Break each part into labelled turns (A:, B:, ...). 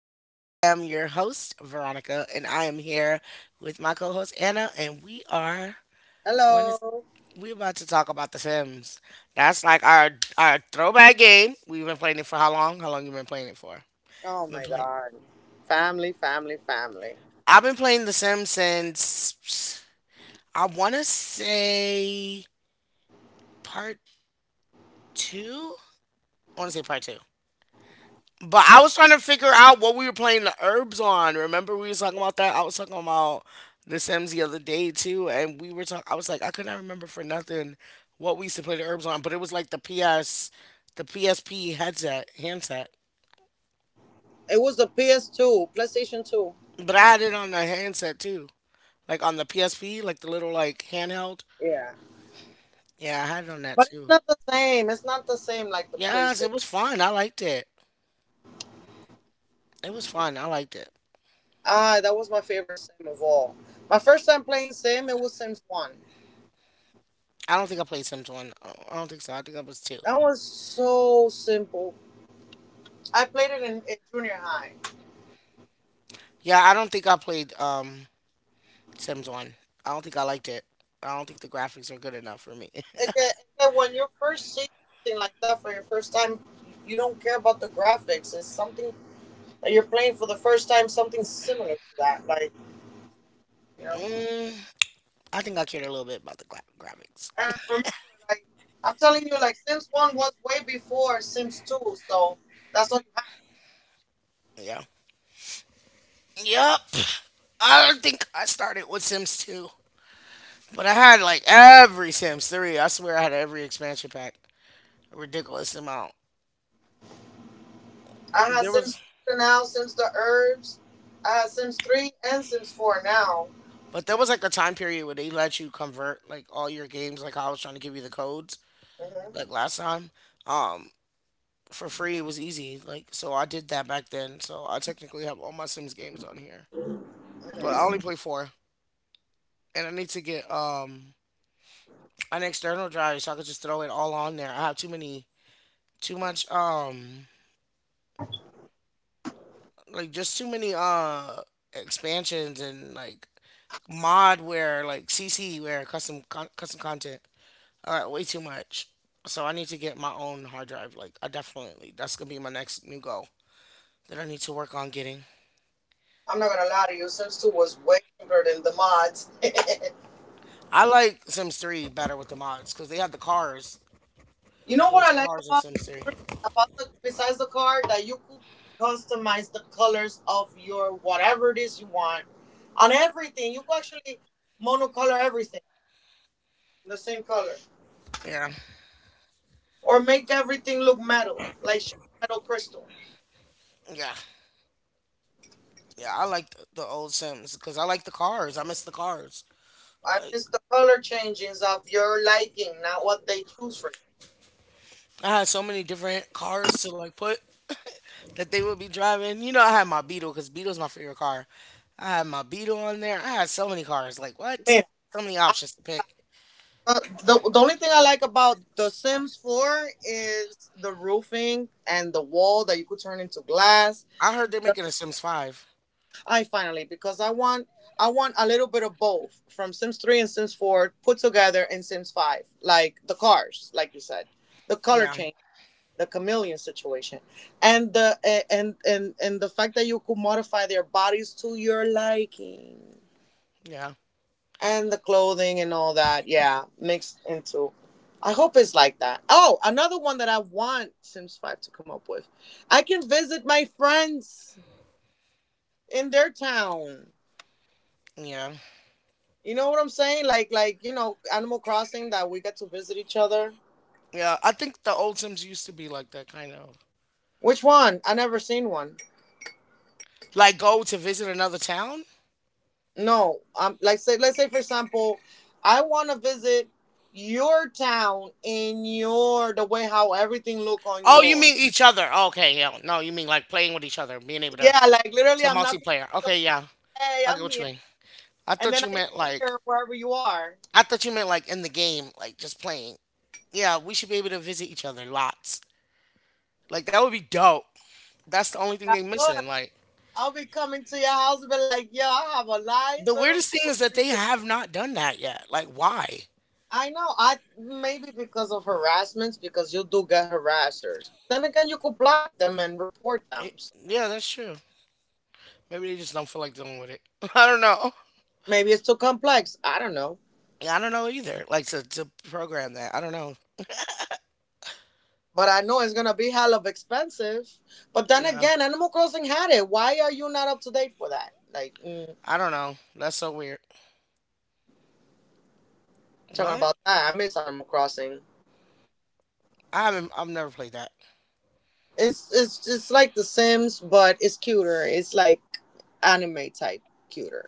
A: I am your host, Veronica, and I am here with my co-host Anna, and we are going to
B: Hello.
A: we're about to talk about The Sims. That's like our throwback game. We've been playing it for how long? How long you been playing it for?
B: Oh
A: Been
B: my
A: playing.
B: god. Family.
A: I've been playing The Sims since I want to say part two. I want to say part two. But I was trying to figure out what we were playing the herbs on. Remember we was talking about that? I was talking about the Sims the other day too, and we were talking. I was like, I could not remember for nothing what we used to play the herbs on, but it was like the PS, the PSP headset handset.
B: It was the PS2, PlayStation 2.
A: But I had it on the handset too, like on the PSP, like the little like handheld.
B: Yeah.
A: Yeah, I had it on that
B: But it's
A: too.
B: not the same. It's not the same like the
A: Yes, it
B: PlayStation.
A: was fun. I liked it. It was fun. I liked it.
B: Ah, that was my favorite sim of all. My first time playing sim, it was Sims 1.
A: I don't think I played Sims one. I don't think so. I think I was two.
B: That was so simple. I played it in junior high.
A: Yeah, I don't think I played Sims One. I don't think I liked it. I don't think the graphics are good enough for me.
B: When you first see something like that for your first time, you don't care about the graphics. It's something that you're playing for the first time, something similar to that. Like, you know.
A: mm, I think I cared a little bit about the graphics.
B: And remember, like, I'm telling you, like Sims One was way before Sims Two, so that's all you had.
A: Yeah. Yep. I don't think I started with Sims 2, but I had like every Sims 3. I swear I had every expansion pack. A ridiculous amount.
B: I had
A: There
B: Sims
A: was,
B: Two now, Sims the Herbs, I had Sims Three and Sims Four now.
A: but there was like a time period where they let you convert like all your games, like I was trying to give you the codes,
B: Hmm.
A: like last time, um, for free. It was easy. Like, so I did that back then. So I technically have all my Sims games on here, but I only play four, and I need to get an external drive so I could just throw it all on there. I have too many, too much like just too many expansions and like modware, where like CC where custom content. All right, way too much. So I need to get my own hard drive. Like I definitely that's gonna be my next new goal that I need to work on getting.
B: I'm not gonna lie to you, Sims Two was way simpler than the mods.
A: I like Sims 3 better with the mods because they had the cars.
B: You know
A: It
B: what
A: was
B: I like
A: cars in
B: about
A: Sims 3.
B: Sims 3? About the besides the card that you could customize the colors of your whatever it is you want on everything. You could actually monocolor everything the same color,
A: Yeah,
B: or make everything look metal, like shiny metal crystal.
A: yeah. Yeah, I like the old Sims because I like the cars. I miss the cars.
B: I
A: Like
B: miss the color changings of your liking, not what they choose for you.
A: I had so many different cars to like put that they would be driving. You know, I had my Beetle because Beetle's my favorite car. I had my Beetle on there. I had so many cars. Like what?
B: Man,
A: So many
B: I-
A: options to pick.
B: the only thing I like about The Sims 4 is the roofing and the wall that you could turn into glass.
A: I heard they're making a Sims Five.
B: I finally, because I want a little bit of both from Sims 3 and Sims 4 put together in Sims 5, like the cars, like you said, the color
A: Yeah,
B: change, the chameleon situation, and the and the fact that you could modify their bodies to your liking
A: yeah,
B: and the clothing and all that, yeah, mixed into. I hope it's like that. Oh, another one that I want Sims 5 to come up with, I can visit my friends in their town.
A: yeah,
B: You know what I'm saying? Like you know, Animal Crossing, that we get to visit each other.
A: yeah. I think the old Sims used to be like that kind of
B: Which one? I never seen one.
A: like go to visit another town.
B: No, like say, let's say for example, I want to visit your town in your the way how everything look on
A: Oh, you
B: your.
A: mean each other? Okay, yeah. No, you mean like playing with each other, being able
B: Yeah, like literally,
A: to
B: I'm knocking
A: multiplayer.
B: on your door.
A: Okay, yeah.
B: Hey,
A: I get
B: I'm
A: what you
B: here,
A: mean. I
B: and
A: thought you
B: then I
A: meant
B: am
A: like
B: here wherever you are.
A: I thought you meant like in the game, like just playing. Yeah, we should be able to visit each other lots. Like that would be dope. That's the only thing they
B: That's
A: missing.
B: good.
A: Like
B: I'll be coming to your house and be like, yo, I have a
A: the
B: nice little
A: weirdest thing
B: room
A: is that
B: for
A: they
B: you.
A: have not done that yet. Like why?
B: I know. I maybe because of harassments, because you do get harassers. But then again, you could block them and report
A: It,
B: them. So
A: yeah, that's true. Maybe they just don't feel like dealing with it. I don't know.
B: maybe it's too complex. I don't know.
A: Yeah, I don't know either. Like to program that. I don't know.
B: But I know it's gonna be hell of expensive. But then
A: Yeah,
B: again, Animal Crossing had it. Why are you not up to date for that? Like,
A: I don't know. That's so weird.
B: talking
A: But
B: about that, I miss Animal Crossing.
A: I haven't. I've never played that.
B: It's like The Sims, but it's cuter. It's like anime type cuter.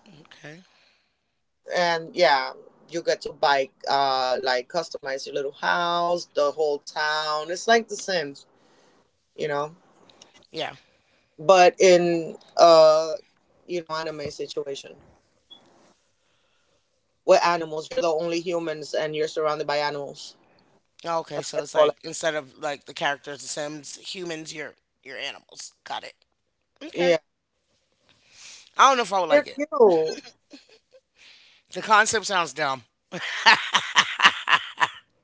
A: Okay.
B: And yeah, you get to bike, like customize your little house, the whole town. It's like The Sims, you know.
A: Yeah.
B: But in you know, anime situation with animals, you're the only humans, and you're surrounded by animals.
A: Oh, okay,
B: That's what
A: so
B: it's
A: it's
B: called.
A: like
B: Like,
A: instead of like the characters, the Sims, humans, you're animals. Got it. Okay.
B: yeah,
A: I don't know if I would like
B: they're
A: it.
B: cute.
A: The concept sounds dumb.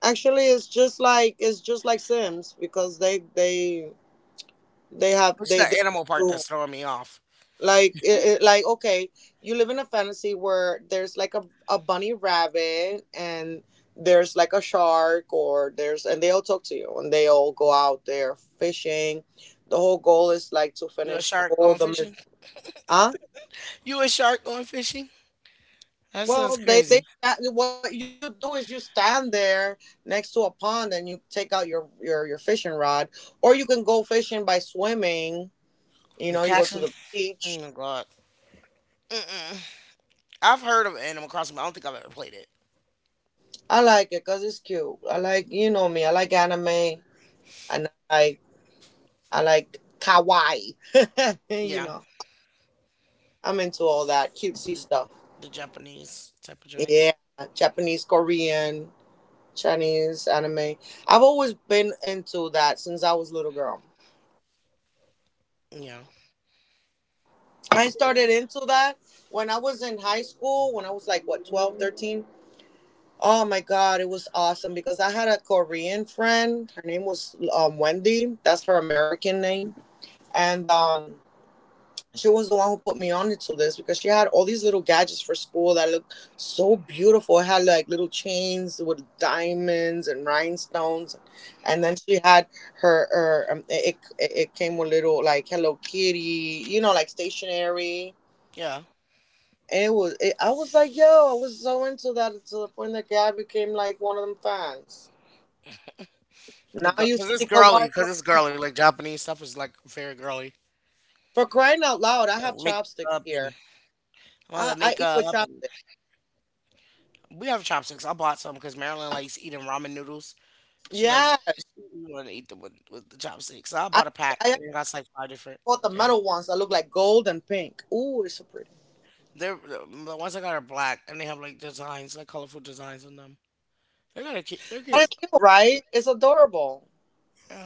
B: Actually, it's just like Sims because they have
A: It's the
B: they
A: animal part that's
B: do
A: throwing me off.
B: like, it, like, okay, you live in a fantasy where there's like a bunny rabbit and there's like a shark, or there's and they all talk to you and they all go out there fishing. The whole goal is like to
A: You a
B: finish
A: shark going
B: all the
A: fishing?
B: mystery.
A: You a shark going fishing? That sounds
B: Well,
A: crazy.
B: what you do is you stand there next to a pond and you take out your fishing rod, or you can go fishing by swimming. You
A: You
B: know, you go
A: catch
B: to
A: 'em?
B: the
A: Oh
B: beach.
A: my god. Mm-mm. I've heard of Animal Crossing, but I don't think I've ever played it.
B: I like it because it's cute. I like, you know me, I like anime and I like kawaii.
A: Yeah,
B: You know, I'm into all that cutesy
A: the,
B: stuff.
A: the Japanese type of joint.
B: Yeah, Japanese, Korean, Chinese anime. I've always been into that since I was a little girl.
A: Yeah.
B: I
A: Yeah.
B: started into that when I was in high school, when I was like, what, 12, 13? Oh my God, it was awesome because I had a Korean friend. Her name was Wendy. That's her American name. And she was the one who put me on into this because she had all these little gadgets for school that looked so beautiful. It had like little chains with diamonds and rhinestones. And then she had her it, it, it came with little, like, Hello Kitty, you know, like stationery.
A: Yeah.
B: It was. It, I was like, yo, I was so into that to the point that Gabby became like one of them fans.
A: The
B: Now you
A: because
B: see
A: it's girly,
B: Kawhi all
A: because
B: over
A: it's
B: my
A: girly.
B: house.
A: Like Japanese stuff is like very girly.
B: For crying out loud, I have chopsticks
A: Makeup and
B: here.
A: one of the
B: I eat
A: makeup
B: with
A: and
B: chopsticks.
A: we have chopsticks. I bought some because Marilyn likes eating ramen noodles. She likes
B: Yeah,
A: she want to eat them with the chopsticks. So I bought
B: I
A: a pack
B: I
A: and it
B: actually
A: got like five different
B: bought the
A: pair.
B: metal ones that look like gold and pink. Ooh, it's so pretty.
A: They're the ones I got are black and they have like designs, like colorful designs on them. They're kind of cute. They're
B: But
A: cute.
B: it's cute, right? It's adorable.
A: Yeah.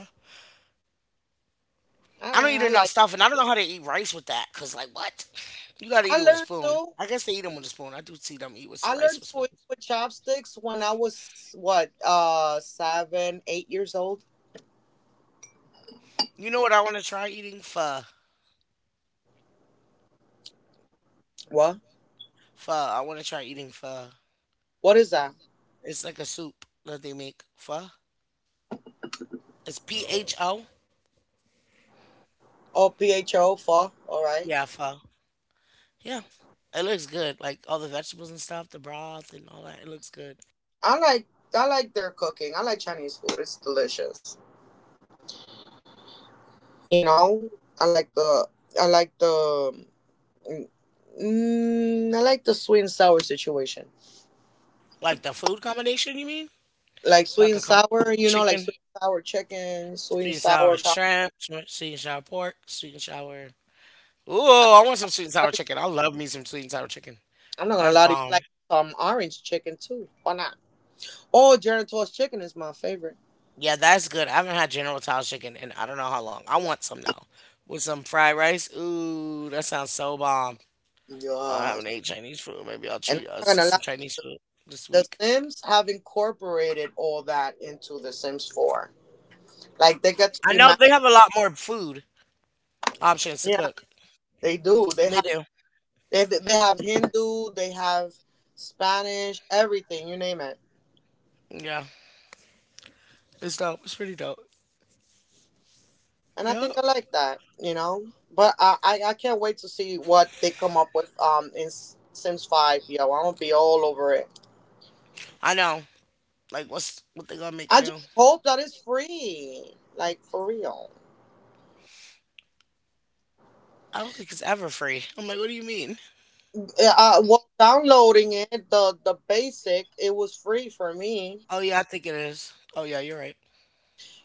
A: I don't eat
B: Ah,
A: enough
B: I like.
A: stuff and I don't know how to eat rice with that because like what? You gotta eat it
B: I
A: with a
B: learned
A: spoon.
B: to.
A: I guess they eat them with a spoon. I do see them eat with
B: I
A: rice with
B: learned to eat
A: spoons.
B: with chopsticks when I was what, seven, 8 years old.
A: You know what I want to try eating? Pho.
B: What?
A: Pho. I want to try eating pho.
B: What is that?
A: It's like a soup that they make. Pho. It's pho.
B: Oh, PHO, pho. All right.
A: Yeah, pho. Yeah. It looks good. Like all the vegetables and stuff, the broth and all that. It looks good.
B: I like I like their cooking. I like Chinese food. It's delicious. You know, I like the I like the I like the sweet and sour situation.
A: Like the food combination, you mean?
B: Like
A: Like
B: sweet and sour, you know, like
A: chicken,
B: sweet and sour chicken,
A: sweet
B: sweet
A: and
B: and
A: sour
B: sour. Co-
A: shrimp, sweet and sour pork, sweet and sour. Ooh,
B: I,
A: I want some sweet and sour
B: I,
A: chicken. I love me some sweet and sour chicken.
B: I'm not gonna
A: That's
B: lie to you.
A: bomb.
B: I like some orange chicken too. Why not? Oh, Geritol's chicken is my favorite.
A: Yeah, that's good. I haven't had General Tso's chicken in I don't know how long. I want some now. With some fried rice. Ooh, that sounds so bomb. I haven't
B: Yes.
A: ate Chinese food. Maybe I'll
B: And
A: treat
B: I'm not
A: us to
B: gonna
A: some
B: lie,
A: Chinese food this
B: The
A: week.
B: Sims have incorporated all that into The Sims 4. Like they get to
A: I
B: be
A: know
B: matched.
A: they have a lot more food options to
B: Yeah,
A: cook.
B: they do. They
A: They
B: have
A: do.
B: Hindu, they have Spanish, everything you name it.
A: Yeah, it's dope. It's pretty dope.
B: And I
A: Yep.
B: think I like that, you know. But I can't wait to see what they come up with in Sims Five, yo. I'm gonna be all over it.
A: I know. Like, what's what they gonna
B: I
A: make
B: just
A: new?
B: hope that it's free, like for real.
A: I don't think it's ever free. I'm like, what do you mean?
B: Well, downloading it, the basic, it was free for me.
A: Oh yeah, I think it is. Oh yeah, you're right.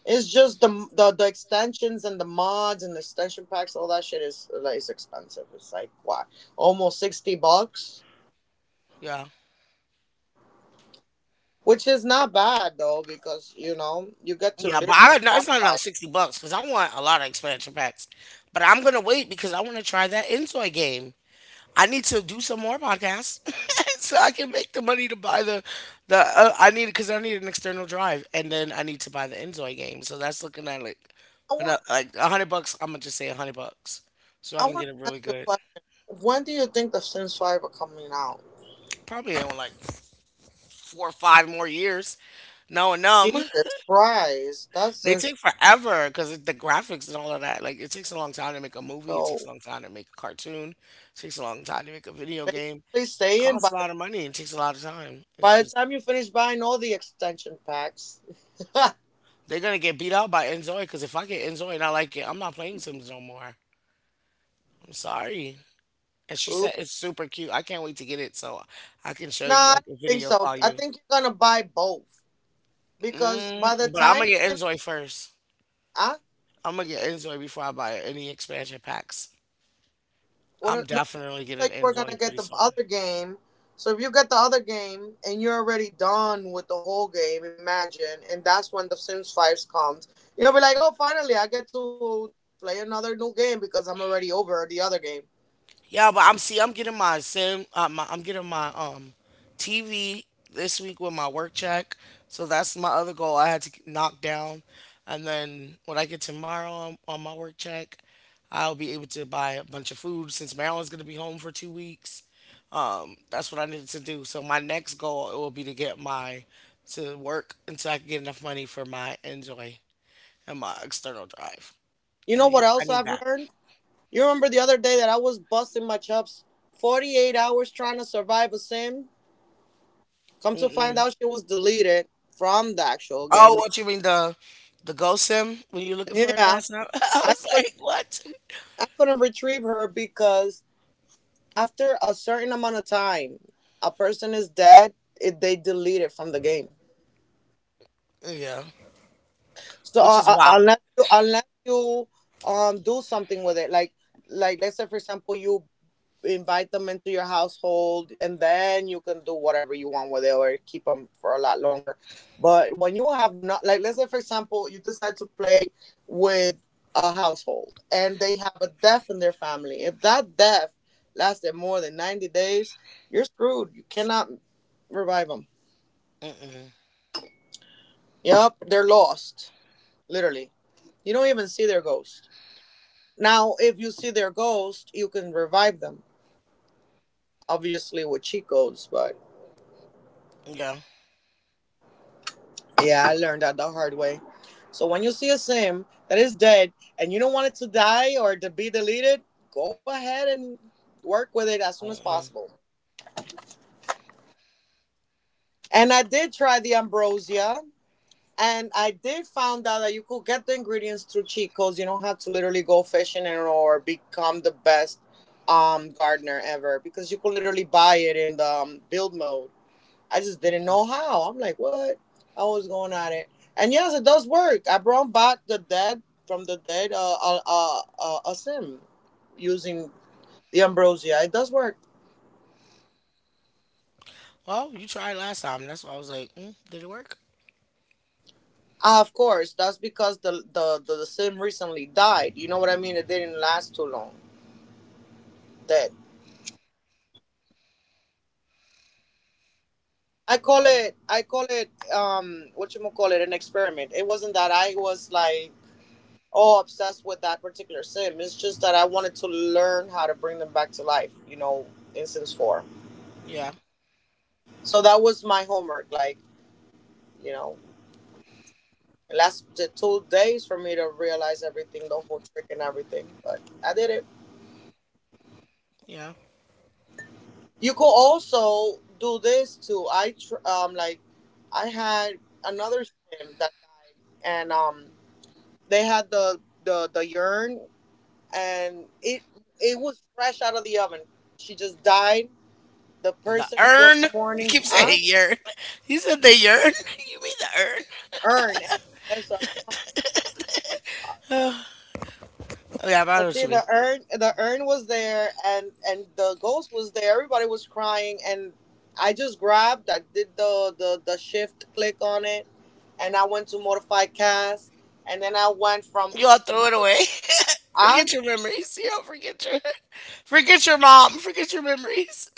B: It's just the extensions and the mods and the extension packs, all that shit is like it's expensive. It's like what, almost $60,
A: Yeah,
B: which is not bad though because you know you get to
A: yeah,
B: literally
A: but I no, it's not
B: modify.
A: about $60 because I want a lot of expansion packs. But I'm gonna wait because I want to try that Insoy game. I need to do some more podcasts so I can make the money to buy the the. I need because I need an external drive, and then I need to buy the Enjoy game. So that's looking at like,
B: I want
A: like $100. I'm gonna just say $100, so
B: I
A: I can
B: want
A: get it
B: to ask
A: really
B: you a
A: good.
B: question. When do you think the Sims Five are coming out?
A: Probably in like four or five more years. No, and numb.
B: Jesus Christ, that's
A: They
B: just
A: take forever because the graphics and all of that. Like it takes a long time to make a movie. It
B: so
A: takes a long time to make a cartoon. It takes a long time to make a video game.
B: basically saying
A: Costs a lot of money. It takes a lot of time. It's
B: by the
A: just
B: time you finish buying all the extension packs,
A: they're gonna get beat out by Enzoy because if I get Enzoy and I like it, I'm not playing Sims no more. I'm sorry. And she
B: oop,
A: said it's super cute. I can't wait to get it so I can
B: nah,
A: show
B: I
A: you.
B: don't
A: I can
B: think
A: video
B: so.
A: call
B: I
A: you.
B: think you're gonna buy both, because by the
A: Mm, but I'm
B: time,
A: gonna get Enzoy first.
B: ah,
A: I'm gonna get Enzoy before I buy any expansion packs. I'm
B: no,
A: definitely
B: you
A: getting
B: were gonna
A: Enzoy
B: get
A: pretty
B: the
A: soon.
B: other game. So if you get the other game and you're already done with the whole game, imagine, and that's when the Sims Five comes. You'll be like, oh, finally, I get to play another new game because I'm already over the other game.
A: Yeah, but I'm see, I'm getting my TV this week with my work check. So that's my other goal I had to knock down, and then when I get tomorrow on my work check, I'll be able to buy a bunch of food since Marilyn's gonna be home for 2 weeks. That's what I needed to do. So my next goal it will be to get my to work until I can get enough money for my enjoy and my external drive.
B: You know what
A: I
B: else
A: need
B: I've learned? You remember the other day that I was busting my chops, 48 hours trying to survive a sim. Come to find
A: that.
B: out, she was deleted from the actual
A: Oh,
B: game.
A: what you mean the ghost sim when you were looking for it
B: Yeah,
A: last night? I
B: I
A: was like,
B: couldn't.
A: what?
B: I couldn't retrieve her because after a certain amount of time, a person is dead. It, they delete it from the game.
A: Yeah,
B: So
A: which is wild.
B: unless you do something with it, like let's say for example you invite them into your household and then you can do whatever you want with it or keep them for a lot longer. But when you have not, like, let's say for example you decide to play with a household and they have a deaf in their family, if that deaf lasted more than 90 days, you're screwed. You cannot revive them.
A: Mm-mm.
B: Yep, they're lost, literally. You don't even see their ghost. Now, if you see their ghost, you can revive them, obviously with cheat codes, but
A: Yeah.
B: yeah, I learned that the hard way. So when you see a sim that is dead and you don't want it to die or to be deleted, go ahead and work with it as soon as
A: Mm-mm.
B: possible. And I did try the ambrosia, and I did found out that you could get the ingredients through cheat codes. You don't have to literally go fishing and or become the best gardener ever because you could literally buy it in the build mode. I just didn't know how. I'm like, what? I was going at it, and yes, it does work. I brought back the dead from the dead. A sim using the ambrosia. It does work.
A: Well, you tried last time. That's why I was like, mm, did it work?
B: Ah, of course, that's because the sim recently died. You know what I mean? It didn't last too long. Dead.
A: Yeah.
B: I call it. What you call it? An experiment. It wasn't that I was like all obsessed with that particular sim. It's just that I wanted to learn how to bring them back to life, you know, in Sims 4.
A: Yeah.
B: So that was my homework. Like, you know, it lasted 2 days for me to realize everything, the whole trick and everything. But I did it.
A: Yeah.
B: You could also do this too. I had another sim that died, and they had the urn, and it was fresh out of the oven. She just died. The
A: The
B: person was
A: urn. You
B: mourning,
A: keep
B: huh?
A: saying yearn. You said the yearn. You mean the urn?
B: Urn. So I don't know how to pronounce it. I'm sorry.
A: Oh, yeah, but I know
B: But
A: what
B: see,
A: you mean.
B: the urn was there, and the ghost was there. Everybody was crying, and I just grabbed. I did the shift click on it, and I went to modify cast, and then I went from,
A: You all throw it away.
B: huh?
A: Forget your memories. You all forget your forget your mom. Forget your memories.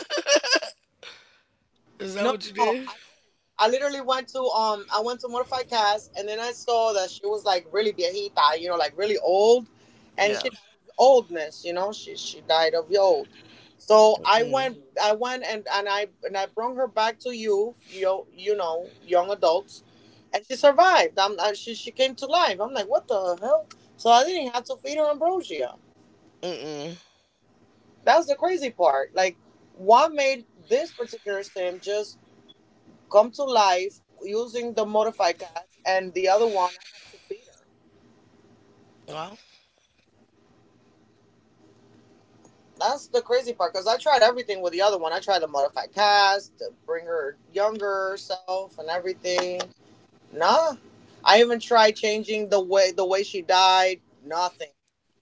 A: Is that
B: No,
A: what you
B: no, no,
A: did?
B: I didn't. I literally went to I went to modify cast, and then I saw that she was like really viejita, you know, like really old, and
A: Yeah.
B: she died of oldness, you know, she died of old. So
A: Mm.
B: and I brought her back to young adults, and she survived. She came to life. I'm like, what the hell? So I didn't have to feed her ambrosia.
A: Mm-mm.
B: That's the crazy part. Like, what made this particular sim just come to life using the modify cast, and the other one I had to feed her.
A: Well,
B: That's the crazy part because I tried everything with the other one. I tried the modify cast to bring her younger self and everything. Nah, I even tried changing the way she died. Nothing.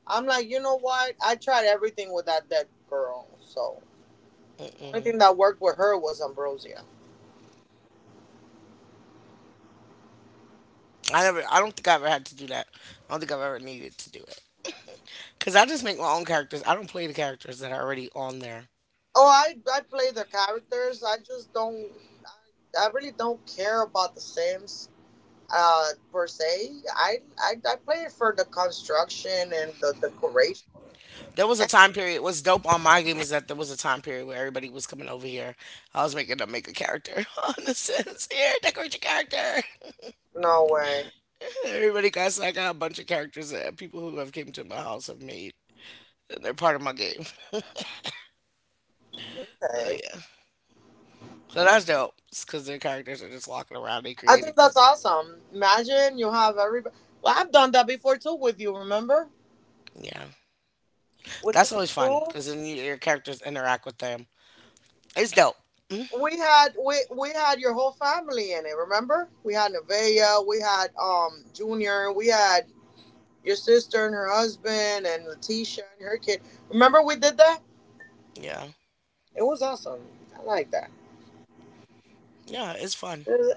B: I'm like, you know what? I tried everything with that dead girl. So only
A: Mm-mm.
B: thing that worked with her was ambrosia.
A: I never. I don't think I ever had to do that. I don't think I've ever needed to do it. Cause I just make my own characters. I don't play the characters that are already on there.
B: Oh, I play the characters. I just don't. I really don't care about the Sims uh per se. I play it for the construction and the decoration.
A: There was a
B: Eh,
A: time period. What's dope on my game is that there was a time period where everybody was coming over here. I was making them make a character on the Sims. Here, decorate your character.
B: no way.
A: Everybody got. So I got a bunch of characters that people who have came to my house have made. And they're part of my game. So
B: Okay,
A: yeah. So that's dope. Because their characters are just walking around. They
B: I think
A: created them.
B: that's awesome. Imagine you have everybody. Well, I've done that before too with you, remember,
A: Yeah,
B: with
A: that's
B: them
A: always fun
B: too.
A: because then your characters interact with them. It's dope.
B: We had, we had your whole family in it. Remember, we had Nevaeh, we had Junior, we had your sister and her husband, and Letitia and her kid. Remember, we did that.
A: Yeah.
B: It was awesome. I like that.
A: Yeah, it's fun.
B: And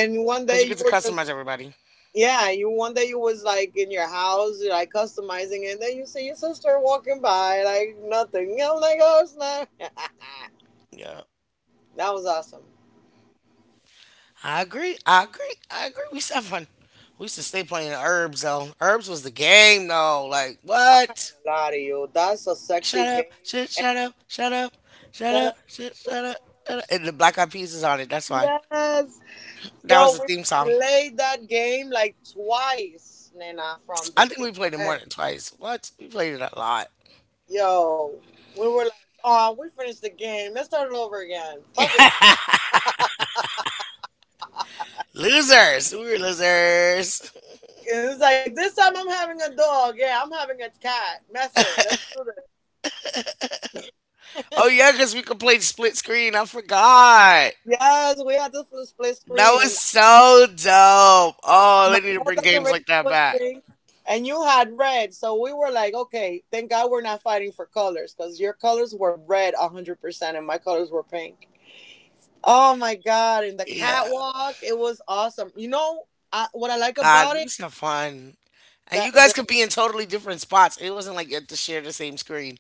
B: one
A: Because
B: day
A: you
B: you
A: get to
B: were just.
A: customize everybody.
B: Yeah, you one day you was like in your house, you're like customizing it, and then you see your sister walking by like nothing. I'm like, oh snap! That
A: Yeah.
B: was awesome.
A: I agree. I agree. I agree. We used to have fun. We used to stay playing Herbs, though. Herbs was the game, though. Like,
B: I'm not
A: what?
B: gonna lie to you, that's a sexy
A: Shut up.
B: game.
A: Shit,
B: And
A: shut up.
B: it-
A: Shut up. Shut
B: shut
A: up.
B: up.
A: Shit,
B: Ooh,
A: shut up.
B: shut
A: Shut up. And the
B: up, shut
A: Black Eyed Peas is on it. That's why.
B: up. Yes,
A: That was
B: yo,
A: the
B: we
A: theme song.
B: played that game like twice, Nena, from
A: I think we
B: beginning
A: played it
B: to
A: more
B: end.
A: than twice. What? We played it a lot.
B: Yo, we were like, oh, we finished the game. Let's start it over again. Fuck it.
A: Losers. We were losers.
B: And it's like, this time I'm having a dog. Yeah, I'm having a cat. That's it. Let's do this.
A: Oh, yeah, because we could play split screen. I forgot.
B: Yes, we had this little split
A: That
B: screen,
A: was
B: and
A: so dope. Oh,
B: my
A: they need to
B: whole
A: bring games
B: decoration
A: like that
B: was
A: back.
B: pink, and you had red. So we were like, okay, thank God we're not fighting for colors, because your colors were red 100%, and my colors were pink. Oh my God! And the
A: Yeah.
B: catwalk, it was awesome. You know, I, what I like
A: God,
B: about
A: we
B: it?
A: used to have fun. And
B: That
A: you guys
B: the,
A: could be in totally different spots. It wasn't like you had to share the same screen.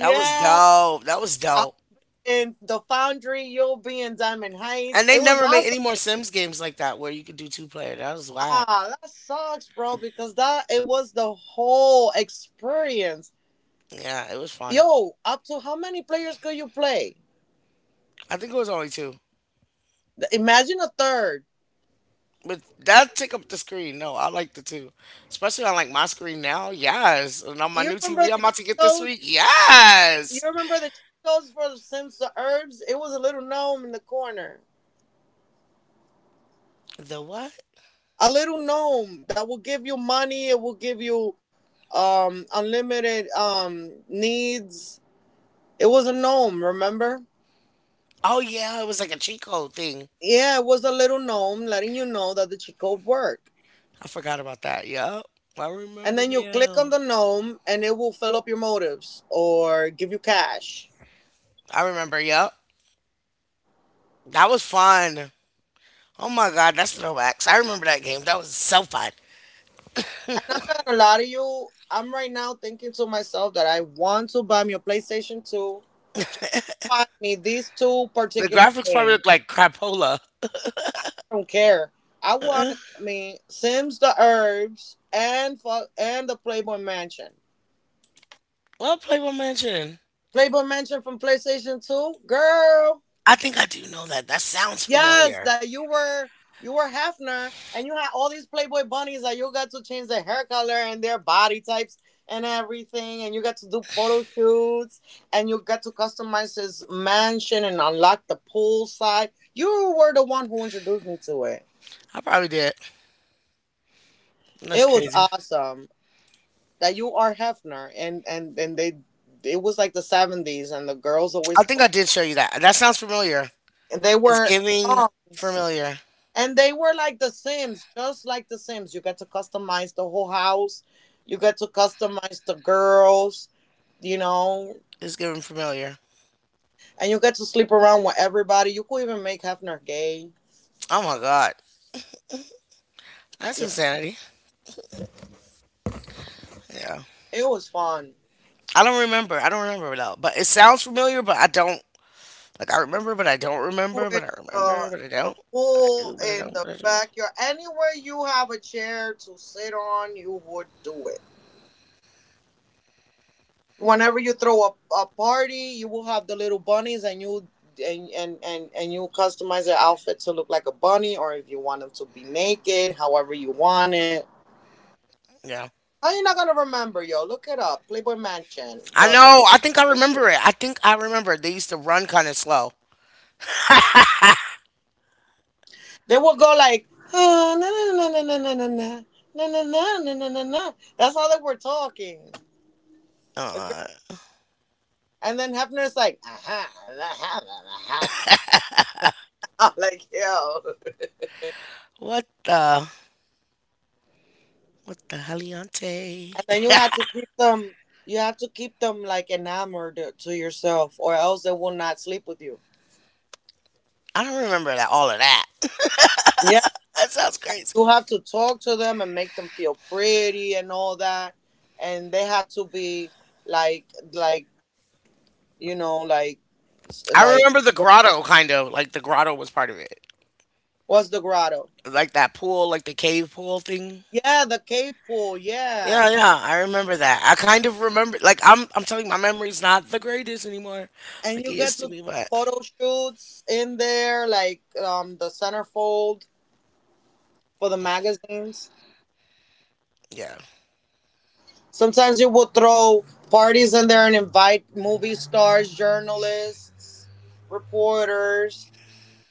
A: That was dope. That was
B: I,
A: dope.
B: in the foundry, you'll be in Diamond Heights.
A: And
B: It
A: they
B: was
A: never made
B: awesome.
A: any more Sims games like that where you could do two player. That was whack.
B: Ah, that sucks, bro, because that it was the whole experience.
A: Yeah, it was fun.
B: Yo, up to how many players could you play?
A: I think it was only two.
B: Th- Imagine a third.
A: But that took up the screen. No, I like the two. Especially on like my screen now. Yes. And on my
B: You
A: new TV
B: remember
A: I'm
B: the
A: about
B: cheat
A: to get this
B: codes?
A: week.
B: You
A: Yes.
B: remember the cheat codes for the Sims the Herbs? It was a little gnome in the corner.
A: The what?
B: A little gnome that will give you money, it will give you unlimited needs. It was a gnome, remember?
A: Oh yeah, it was like a cheat code thing.
B: Yeah, it was a little gnome letting you know that the cheat code worked.
A: I forgot about that. Yep. I
B: And
A: remember
B: then you click on
A: now.
B: the gnome and it will fill up your motives or give you cash.
A: I remember, yep. That was fun. Oh my god, that's throwbacks. I remember that game. That was so fun.
B: And I'm not gonna lie to you, I'm right now thinking to myself that I want to buy me a PlayStation 2. Just buy me these two
A: The
B: particular
A: graphics probably
B: things.
A: look like crapola.
B: I don't care. I wanna get me Sims the Herbs and fu- and the Playboy Mansion.
A: Well, Playboy Mansion.
B: Playboy Mansion from PlayStation 2? Girl,
A: I think I do know that. That sounds
B: yes,
A: familiar.
B: that you were, you were Hefner and you had all these Playboy bunnies that you got to change their hair color and their body types and everything, and you got to do photo shoots and you got to customize his mansion and unlock the pool side. You were the one who introduced me to it.
A: I probably did. That's
B: It was
A: crazy.
B: awesome that you are Hefner and and they, it was like the 70s and the girls
A: I
B: always,
A: think I did show you that. That sounds familiar.
B: they
A: It's
B: were,
A: giving
B: clowns.
A: familiar.
B: And they were like The Sims, just like The Sims. You get to customize the whole house, you get to customize the girls, you know,
A: It's giving familiar.
B: and you get to sleep around with everybody. You could even make Hefner gay.
A: Oh my god. That's
B: Yeah,
A: insanity. Yeah.
B: it was fun.
A: I don't remember. I don't remember though. But it sounds familiar, but I don't. Like I remember, but
B: You
A: I
B: get to
A: don't remember.
B: do it,
A: But I
B: uh,
A: remember, but I
B: the
A: don't. But I
B: pool,
A: do. But I
B: in
A: don't.
B: the
A: But I do.
B: backyard, anywhere you have a chair to sit on, you would do it. Whenever you throw a party, you will have the little bunnies, and you customize their outfit to look like a bunny, or if you want them to be naked, however you want it.
A: Yeah.
B: How you not gonna remember? Yo, look it up, Playboy Mansion.
A: I
B: The,
A: know. I think I remember it. I think I remember it. They used to run kind of slow.
B: they will go like, "Ah, na na na na na na na na na na na na na na." That's how they were talking, the girl.
A: Uh,
B: And then Hefner's like, aha, aha, aha, aha. I'm like, yo.
A: what the? What the
B: And
A: heliante?
B: then you have to keep them. You have to keep them like enamored to yourself, or else they will not sleep with you.
A: I don't remember that. All of that.
B: Yeah,
A: That sounds crazy.
B: you have to talk to them and make them feel pretty and all that, and they had to be like, like, you know, like, s-
A: I
B: like,
A: remember the
B: what-
A: grotto, kind of like the grotto was part of it,
B: what's the grotto?
A: like that pool, like the cave pool thing.
B: Yeah, the cave pool.
A: Yeah,
B: Yeah,
A: yeah, I remember that. I kind of remember, like I'm telling you, my memory's not the greatest anymore,
B: and
A: like
B: you
A: it
B: get
A: used
B: to
A: to
B: do
A: be.
B: the
A: But
B: photo shoots in there, like the centerfold for the magazines.
A: yeah,
B: Sometimes you will throw parties in there and invite movie stars, journalists, reporters,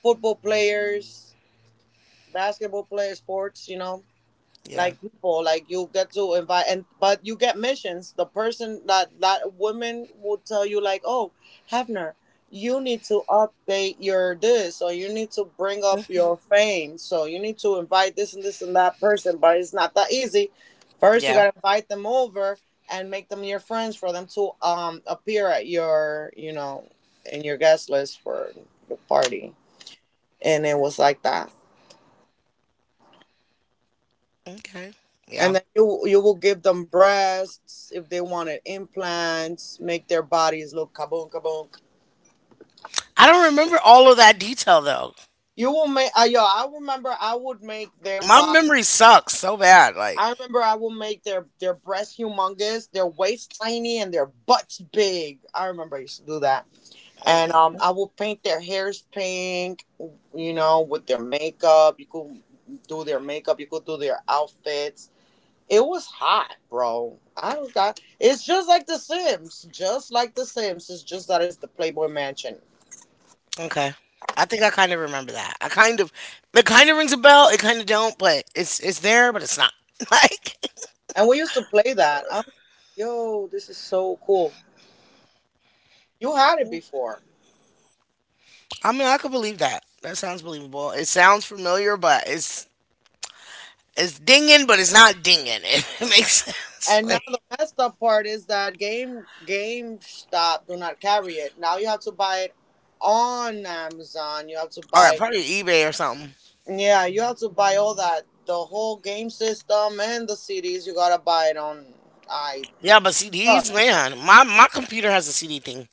B: football players, basketball players, sports, you know,
A: yeah,
B: like people like you get to invite. And but you get missions, the person, that women will tell you like, oh Hefner, you need to update your this, or you need to bring up your fame, so you need to invite this and this and that person, but it's not that easy. First you
A: yeah.
B: got to invite them over and make them your friends for them to appear at your, you know, in your guest list for the party, and it was like that.
A: Okay,
B: And
A: yeah.
B: then you will give them breasts if they wanted implants, make their bodies look kaboom kaboom.
A: I don't remember all of that detail though.
B: You will make yo, I remember I would make their
A: My
B: body.
A: memory sucks so bad. Like,
B: I remember I will make their breasts humongous, their waist tiny, and their butts big. I remember I used to do that. And
A: mm,
B: I will paint their hairs pink. You know, with their makeup, you could do their makeup. You could do their outfits. It was hot, bro. I don't got. It's just like The Sims. Just like The Sims. It's just that it's the Playboy Mansion.
A: okay, I think I kind of remember that. I kind of, it kind of rings a bell. It kind of don't, but it's there, but it's not. Like,
B: And we used to play that. I'm like, yo, this is so cool. You had it before.
A: I mean, I could believe that. That sounds believable. It sounds familiar, but it's dinging, but it's not dinging. If it makes sense.
B: And now
A: Like,
B: the messed up part is that GameStop do not carry it. Now you have to buy it on Amazon. You have to
A: all right,
B: buy.
A: probably eBay or something.
B: Yeah, you have to buy all that, the whole game system and the CDs. You gotta buy it on. I.
A: Yeah, but CDs, man. My computer has a CD thing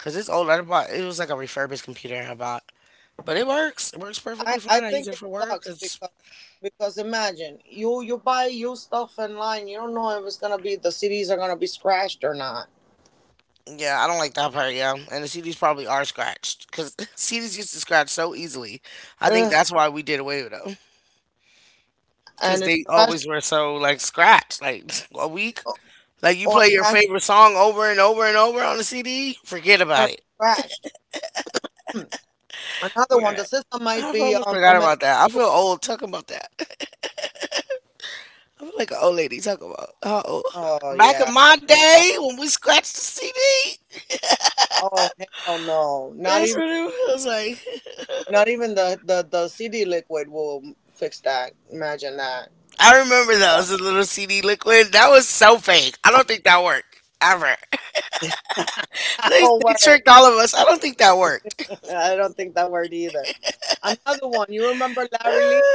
A: because it's old. I bought it was like a refurbished computer I bought, but it works. It works perfectly
B: I
A: fine. I
B: think
A: use it
B: it
A: for work.
B: sucks
A: It's
B: because imagine you, you buy used stuff online, you don't know if it's gonna be, the CDs are gonna be scratched or not.
A: Yeah, I don't like that part. Yeah, and the CDs probably are scratched because CDs used to scratch so easily. I think
B: Ugh.
A: that's why we did away with them because
B: And
A: they
B: especially,
A: always were so like scratched, like a week. Like you
B: or
A: play your
B: imagine
A: favorite song over and over and over on the CD, forget
B: it's gonna
A: about it.
B: be scratched. Hmm. Another one,
A: Right.
B: the system might
A: I
B: be
A: almost
B: all
A: forgot
B: messed
A: about
B: up
A: that. I feel
B: too.
A: old talking about that. I feel like an old lady talking about how old.
B: Oh
A: Back in
B: yeah,
A: my
B: uh,
A: day when we scratched the CD,
B: oh hell no! Not
A: that's
B: even,
A: what it was like.
B: not even the CD liquid will fix that. Imagine that.
A: I remember those, the little CD liquid. That was so fake. I don't think that worked ever.
B: Oh
A: They
B: word,
A: tricked all of us. I don't think that worked.
B: I don't think that word either. Another one, you remember Larry Lee?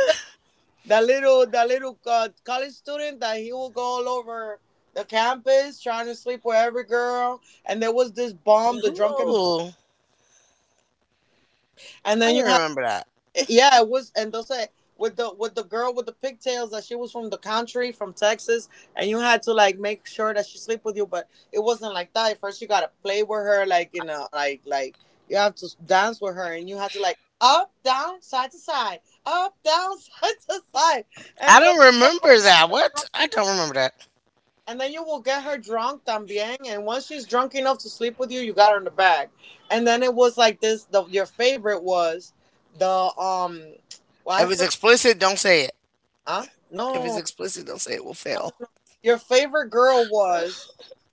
B: The little college student that he will go all over the campus trying to sleep with every girl. And there was this bomb, the drunken,
A: Ooh,
B: and
A: I
B: then
A: don't
B: you had
A: remember that.
B: yeah, it was, and they'll say with the girl with the pigtails, that she was from the country, from Texas. And you had to, like, make sure that she sleep with you, but it wasn't like that at first. You gotta play with her, like, like you have to dance with her, and you had to, like, up, down, side to side, up, down, side to side.
A: I
B: And the,
A: don't remember that. What? I don't remember that.
B: and then you will get her drunk también. And once she's drunk enough to sleep with you, you got her in the bag. And then it was like this. The your favorite was the Well, I
A: If it's
B: forgot.
A: explicit, don't say it.
B: Huh?
A: If it's
B: No,
A: explicit, don't say it. We'll fail.
B: your favorite girl was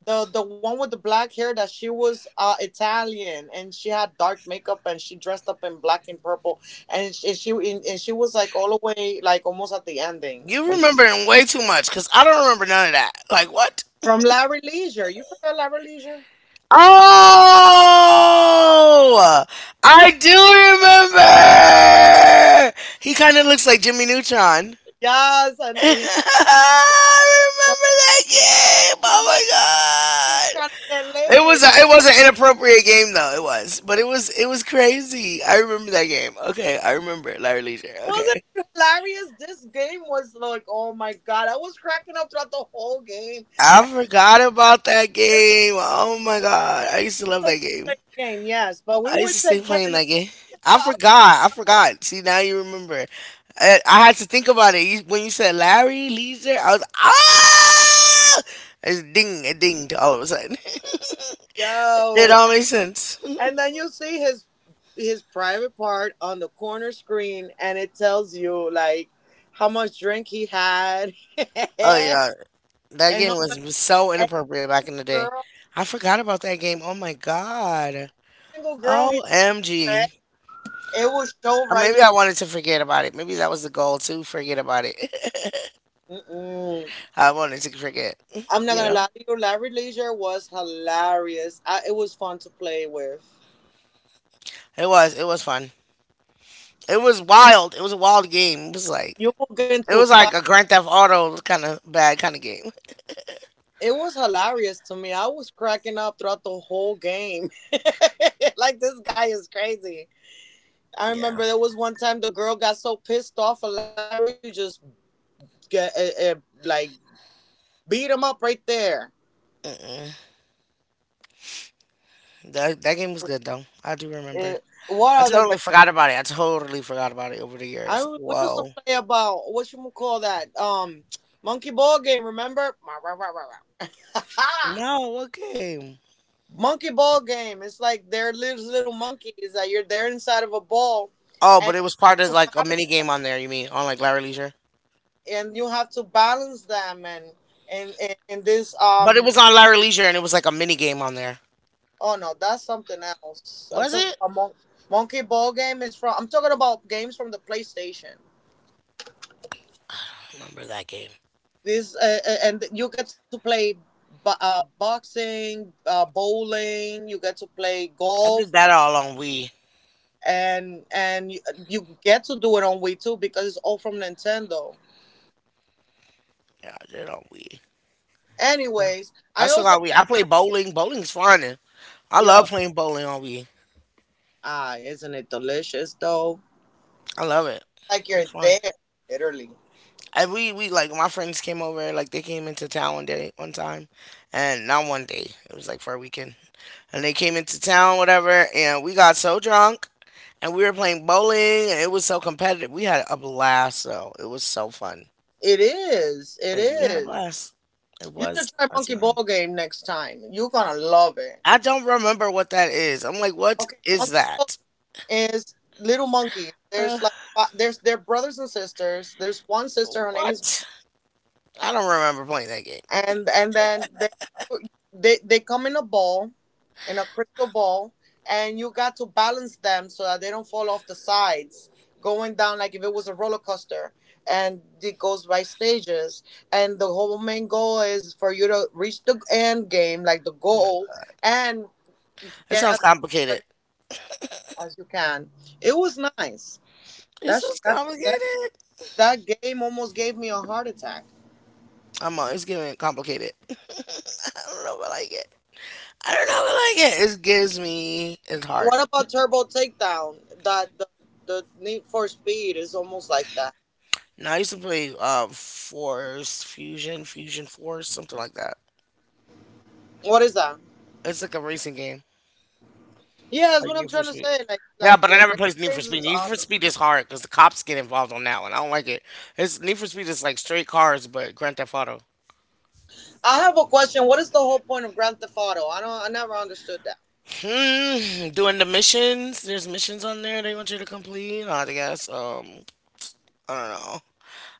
B: the one with the black hair, that she was Italian, and she had dark makeup, and she dressed up in black and purple. And she and she was like all the way, like almost at the ending
A: You
B: when,
A: remembering way too much because I don't remember none of that. Like what?
B: from Larry Leisure. You forgot Larry Leisure?
A: Oh, I do remember. He kind of looks like Jimmy Neutron.
B: Yes, and
A: I
B: and
A: remember that game. Oh
B: he's
A: my
B: like, being
A: god!
B: trying to get
A: It
B: laid.
A: was a, it was an inappropriate game though. It was, but it was crazy. I remember that game. Okay, I remember it. Larry Leisure.
B: Wasn't
A: Okay,
B: it hilarious? This game was like, oh my god, I was cracking up throughout the whole game.
A: I forgot about that
B: This is
A: game. Oh my god! I used to love
B: a
A: that game.
B: one-player game, yes, but we
A: I used
B: would
A: to stay
B: take turns.
A: playing
B: No,
A: that game.
B: it's
A: I
B: the other girl.
A: forgot. I
B: Like,
A: forgot. See, now you remember. I had to think about it. When you said Larry Leisure, I was ah. It dinged all of a sudden. It
B: yo,
A: all makes sense.
B: and then you see his private part on the corner screen, and it tells you like how much drink he had
A: Oh yeah, that
B: and
A: game
B: how much,
A: was so
B: and
A: inappropriate back in the day.
B: girl,
A: I forgot about that game. Oh my god.
B: single girl he fed.
A: OMG.
B: It will show right.
A: Maybe I wanted to forget about it. Maybe that was the goal to forget about it.
B: Mm-mm.
A: I wanted to forget.
B: I'm not
A: You
B: gonna
A: know,
B: lie to you, Larry Leisure was hilarious. It was fun to play with.
A: it was fun. It was wild. It was a wild game. It was like
B: You will get
A: it
B: into
A: was like
B: fight.
A: a Grand Theft Auto kind of bad kind of game.
B: It was hilarious to me. I was cracking up throughout the whole game. Like, this guy is crazy. I
A: Yeah,
B: remember there was one time the girl got so pissed off at Larry, she would just get like beat him up right there.
A: that game was good though. I do remember.
B: Eh, what
A: I
B: other
A: totally
B: game?
A: forgot about it. I totally forgot about it over the
B: I
A: years.
B: We used to
A: Whoa.
B: play about, what you would call that, monkey ball game. Remember?
A: No, what game?
B: Monkey ball game. It's like they're little monkeys that you're there inside of a ball,
A: Oh,
B: and
A: but it was part of
B: you
A: like a
B: balance,
A: mini game on there. You mean on like Larry Leisure?
B: and you have to balance them. And And and this
A: But it was on Larry Leisure, and it was like a mini game on there.
B: oh no, that's something else. I'm
A: Was
B: talking
A: it?
B: about monkey ball game is from, I'm talking about games from the PlayStation.
A: Remember that game?
B: This and you get to play, boxing, bowling. You get to play
A: I
B: golf,
A: did that all on Wii.
B: and you, you get to do it on Wii too, because it's all from Nintendo.
A: Yeah, I did it on Wii. Yeah.
B: Anyways, I
A: I still
B: also
A: got Wii.
B: like
A: I play
B: her.
A: bowling. Bowling's fun. I
B: Yo,
A: love playing bowling on Wii.
B: ah, isn't it delicious though?
A: I love it.
B: Like, you're
A: It's fun.
B: there, literally.
A: And we like my friends came over. Like they came into town one day, one time, and not one day. It was like for a weekend, and they came into town, whatever. And we got so drunk, and we were playing bowling, and it was so competitive. We had a blast, though. It was so fun.
B: It is. It
A: Like we had a
B: is.
A: blast. It
B: You should
A: was
B: try
A: a
B: Monkey
A: time.
B: Ball Game next time. You're gonna love it.
A: I don't remember what that is. I'm like, what
B: Okay,
A: is
B: Monkey Ball
A: that?
B: is Little Monkey.
A: Uh,
B: There's like there's they're brothers and sisters. There's one sister. Her name is,
A: what? I don't remember playing that game.
B: and then they, you, they come in a ball, in a crystal ball, and you got to balance them so that they don't fall off the sides, going down like if it was a roller coaster, and it goes by stages. And the whole main goal is for you to reach the end game, like the
A: Oh my
B: goal,
A: god,
B: and
A: it
B: get
A: sounds
B: as much
A: complicated.
B: as you can. It was nice.
A: It
B: That's
A: sounds
B: that that
A: complicated.
B: that game almost gave me a heart attack.
A: I'm always giving it complicated. I don't know if I like it. I don't know if I like it. It gives me it's hard.
B: What about Turbo Takedown? The Need for Speed is almost like that.
A: Now I used to play Force Fusion, Fusion Force, something like that.
B: What is that?
A: It's like a racing game,
B: Yeah, that's what I'm
A: like
B: trying
A: Need
B: to
A: for Speed.
B: say. Like like
A: Yeah, but
B: like
A: I
B: racing
A: never played Need for
B: games is
A: Speed. Need for
B: awesome.
A: Speed is hard because the cops get involved on that one. I don't like it. It's Need for Speed is like straight cars, but Grand Theft Auto.
B: I have a question. What is the whole point of Grand Theft Auto? I don't. I never understood that.
A: Doing the missions. There's missions on there they want you to complete. I guess. I don't know.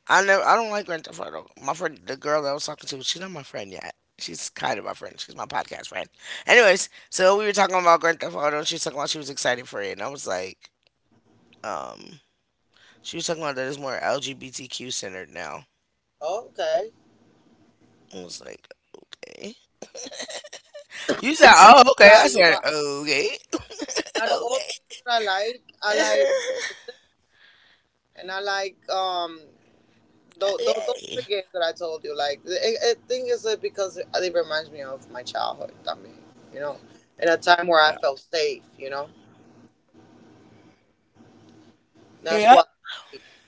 A: I never. I don't like Grand Theft Auto. My friend, the girl that I was talking to, she's not my friend yet. She's kind of my friend. She's my podcast friend. Anyways, so we were talking about Grand Theft Auto. And she was talking about she was excited for it, and I was like, um, she was talking about that it's more LGBTQ centered now.
B: Okay.
A: I was like, okay. You said, oh,
B: A
A: okay.
B: lot
A: I
B: of you,
A: said,
B: but
A: okay,
B: out of all the games that I
A: okay,
B: like The Sims, and I like those three
A: okay.
B: games that I told you. Like, I think it's because it reminds me of my childhood. I mean, you know, in a time where I felt safe. You know. That's
A: Yep.
B: why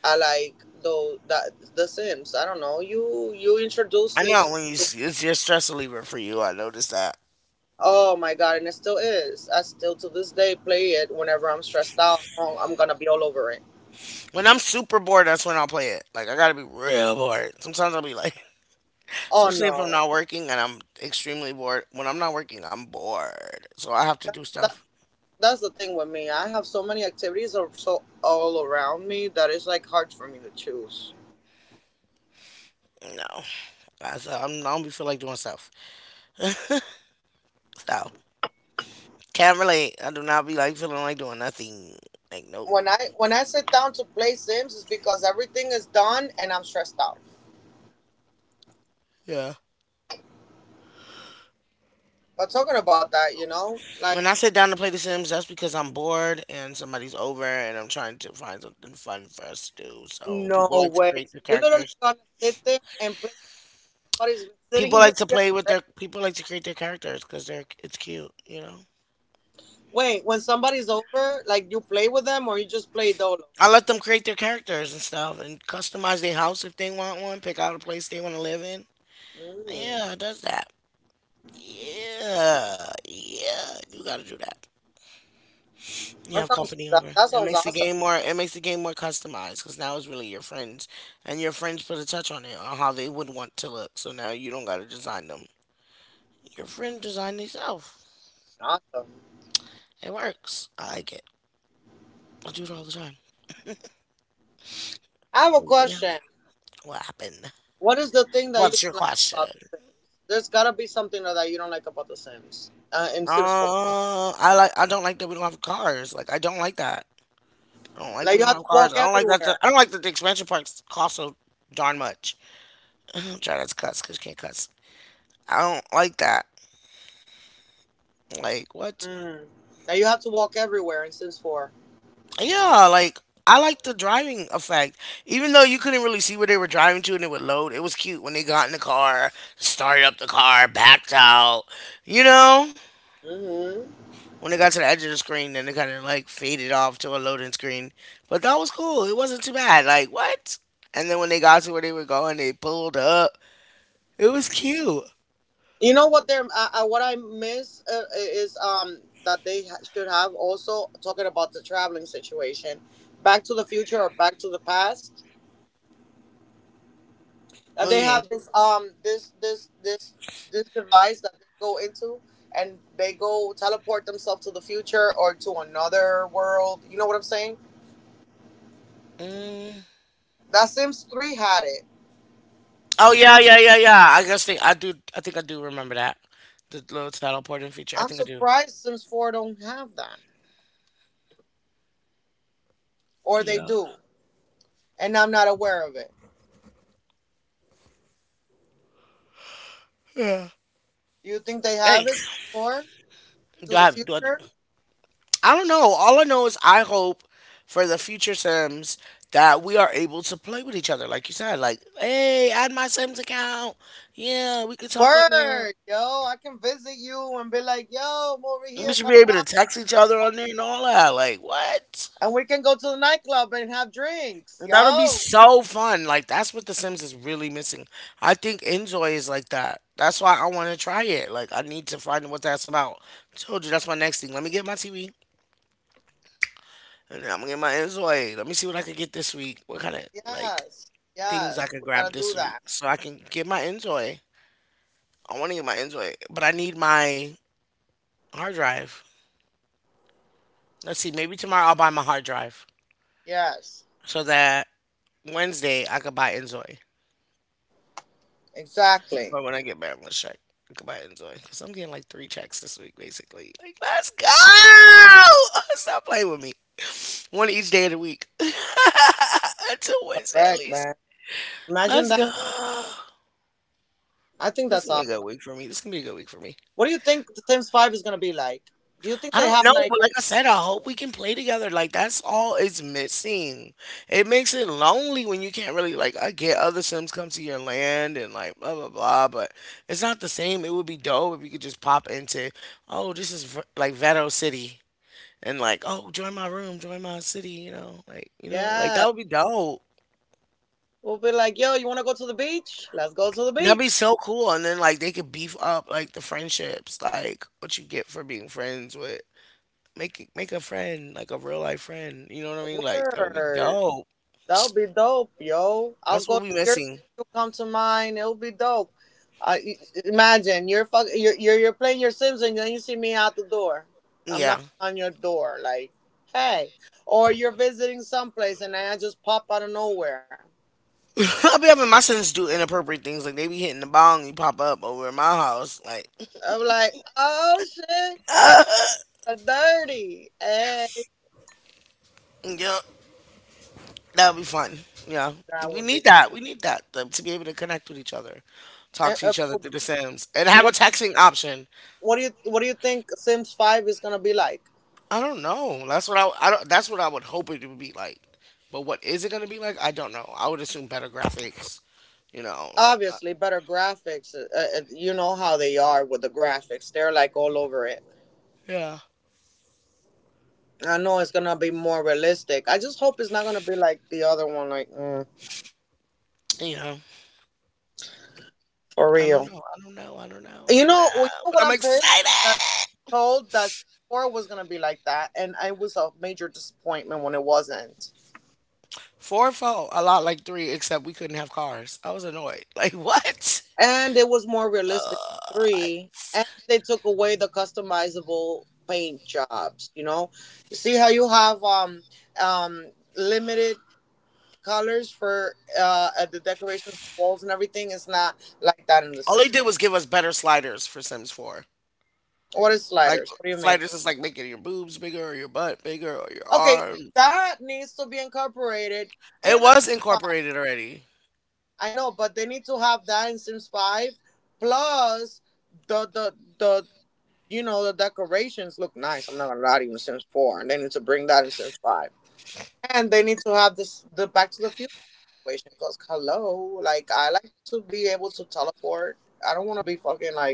B: I like though that The Sims. I don't know. You introduced
A: I
B: me
A: know when you
B: to.
A: it's your stress reliever for you. I noticed that.
B: Oh my god! And it still is. I still to this day play it whenever I'm stressed out. I'm gonna be all over it.
A: When I'm super bored, that's when I'll play it. Like I gotta be real bored. Sometimes I'll be like,
B: Oh
A: especially if I'm
B: no.
A: not working and I'm extremely bored. When I'm not working, I'm bored. So I have to do
B: That
A: stuff.
B: that's the thing with me. I have so many activities are so all around me that it's like hard for me to choose.
A: No. I don't be feel like doing stuff. So, can't relate. I do not be like feeling like doing nothing. Like, nope.
B: When I sit down to play Sims, it's because everything is done and I'm stressed out.
A: Yeah.
B: But talking about that, you know, like.
A: When I sit down to play The Sims, that's because I'm bored and somebody's over and I'm trying to find something fun for us to do. So, people
B: No
A: like to
B: way.
A: create
B: So
A: their
B: you're literally
A: characters.
B: gonna sit there and play. Somebody's
A: People
B: sitting you.
A: like to
B: You're
A: play with
B: great.
A: their people like to create their characters because they're it's cute.
B: Wait, when somebody's over, like, you play with them or you just play dolo?
A: I let them create their characters and stuff and customize their house if they want one, pick out a place they want to live in.
B: Mm,
A: Yeah, it does that. Yeah, yeah, you gotta do that. You have company over.
B: that
A: It
B: sounds
A: makes the
B: awesome.
A: game more. It makes the game more customized because now it's really your friends, and your friends put a touch on it on how they would want to look. So now you don't gotta design them. Your friend designed themselves.
B: Awesome.
A: It works. I like it. I do it all the time.
B: I have a
A: Yeah.
B: question.
A: What happened?
B: What is the thing that you
A: What's
B: don't
A: your
B: like about The
A: question?
B: Sims? There's gotta be something that you don't like about The Sims, in Sims Four.
A: I don't like that we don't have cars. Like I don't like that. I don't like
B: Like,
A: we
B: you
A: don't
B: have
A: have
B: to
A: cars.
B: walk
A: I don't like that.
B: everywhere.
A: I don't like that the expansion parks cost so darn much. I'm trying not to cuss because you can't cuss. I don't like that. Like what?
B: Mm. That you have to walk everywhere in Sims 4.
A: Yeah, like I like the driving effect. Even though you couldn't really see where they were driving to and it would load, it was cute when they got in the car, started up the car, backed out. You know.
B: Mm-hmm.
A: When it got to the edge of the screen, then it kind of like faded off to a loading screen. But that was cool. It wasn't too bad. Like what? And then when they got to where they were going, they pulled up. It was cute.
B: You know what they're what I miss is that they should have. Also, talking about the traveling situation, Back to the Future or Back to the Past. That
A: Oh
B: they
A: yeah.
B: have this this device that they go into, and they go teleport themselves to the future or to another world. You know what I'm saying?
A: Mm.
B: That Sims Three had it.
A: Oh yeah, yeah, yeah, yeah. I do. I think I do remember that. The little title teleporting feature. I
B: I'm
A: think I do.
B: surprised Sims Four don't have that, or they
A: Yeah.
B: do, and I'm not aware of it.
A: Yeah.
B: Do you think they have
A: Hey,
B: it? Sims Four
A: do
B: to
A: I
B: the
A: have? Do I?
B: future?
A: I don't know. All I know is I hope for the future Sims that we are able to play with each other. Like you said, like, hey, add my Sims account. Yeah, we could talk on there.
B: Word, yo, I can visit you and be like, yo, I'm over
A: We
B: here,
A: should be
B: come
A: able to
B: down,
A: text each other on there and all that. Like, what?
B: and we can go to the nightclub and have drinks,
A: That'll be
B: yo.
A: so fun. Like, that's what The Sims is really missing. I think Enjoy is like that. That's why I want to try it. Like, I need to find what that's about. Told you, that's my next thing. Let me get my TV. And then I'm gonna get my Enjoy. Let me see what I can get this week. What kind of, like,
B: Yes,
A: things I
B: yes,
A: could
B: we
A: grab
B: gotta
A: this
B: do
A: week
B: that.
A: so I can get my Enjoy. I want to get my Enjoy, but I need my hard drive. Let's see, maybe tomorrow I'll buy my hard drive
B: Yes,
A: so that Wednesday I could buy Enjoy.
B: exactly.
A: Or when I get back, I'm gonna check. I could buy Enjoy because I'm getting like three checks this week, basically. Like, let's go! Stop playing with me. One each day of the week until Wednesday at
B: Correct,
A: least.
B: man. Imagine
A: Let's
B: that.
A: go.
B: I think
A: This is
B: that's
A: gonna be a good
B: awesome.
A: week for me. This is gonna be a good week for me.
B: What do you think the Sims Five is gonna be like? Do you think
A: I
B: they
A: don't
B: have
A: know,
B: like,
A: but like I said, I hope we can play together. Like that's all it's missing. It makes it lonely when you can't really like I get other Sims come to your land and like blah blah blah, but it's not the same. It would be dope if you could just pop into, oh, this is like Veto City and like, oh, join my room, join my city, you know, like like
B: yeah,
A: that would be dope.
B: we'll be like, yo, you wanna go to the beach? Let's go to the
A: That'd be
B: beach.
A: so cool. And then like they could beef up like the friendships, like what you get for being friends with. Make a friend, like a real life friend. You know what I mean? Like that would be
B: Word.
A: dope.
B: That'll be dope, yo. I'll
A: That's
B: go
A: what
B: to
A: we
B: your city,
A: missing.
B: you come to mine. It'll be dope. I i- Imagine you're you're playing your Sims and then you see me out the door. I'm
A: Yeah,
B: not on your door, like, hey. Or you're visiting someplace and I just pop out of nowhere.
A: I be having my sons do inappropriate things. Like they be hitting the bong, you pop up over at my house. Like,
B: I'm like, oh shit, what a dirty. Hey,
A: yep, that would be fun. Yeah,
B: that
A: we
B: would be.
A: need that. We need that to be able to connect with each other,
B: eh,
A: talk to
B: eh,
A: each other through the Sims, and have a
B: what
A: texting option.
B: do you what do you think Sims Five is gonna be like?
A: I don't know. That's what I. I don't, that's what I would hope it would be like. But what is it gonna be like? I don't know. I would assume better graphics. You know, like
B: Obviously better graphics. You know how they are with the graphics; they're like all over it.
A: yeah.
B: I know it's gonna be more realistic. I just hope it's not gonna be like the other one, like
A: You know,
B: for
A: I don't
B: real.
A: know. I don't know. I don't know. I
B: You
A: don't
B: know, well, you
A: know.
B: know what
A: But I'm
B: I'm pissed
A: excited.
B: that I told that four was gonna be like that, and it was a major disappointment when it wasn't.
A: Four and four, a lot like three, except we couldn't have cars. I was annoyed. Like what?
B: And it was more realistic than
A: Uh,
B: three, and they took away the customizable paint jobs. You know, you see how you have um limited colors for at the decorations, the walls, and everything is not like that in the
A: all they
B: Sims.
A: did was give us better sliders for Sims Four.
B: What is
A: Like
B: sliders? What do you mean?
A: sliders is like making your boobs bigger or your butt bigger or your
B: Okay,
A: arms.
B: that needs to be incorporated
A: It
B: in the
A: was
B: Sims Five.
A: incorporated already.
B: I know, but they need to have that in Sims Five. Plus, the the you know the decorations look nice. I'm not gonna lie to you, in Sims Four, and they need to bring that in Sims Five. And they need to have this the Back to the Future situation, because hello, like, I like to be able to teleport. I don't want to be fucking like,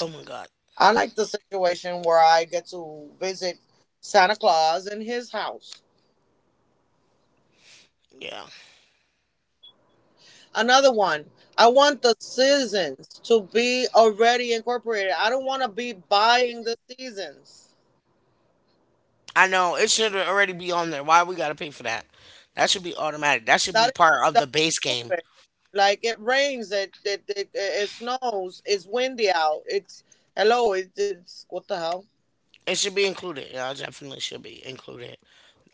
A: Oh my god.
B: I like the situation where I get to visit Santa Claus in his house.
A: Yeah.
B: Another one, I want the seasons to be already incorporated. I don't want to be buying the seasons.
A: I know. It should already be on there. Why we gotta pay for that? That should be automatic. That should
B: That
A: be
B: is
A: part of
B: that's
A: the base game.
B: stupid. Like, it rains, it it snows, it's windy out. It's hello, it's what the hell?
A: It should be included. Yeah, it definitely should be included.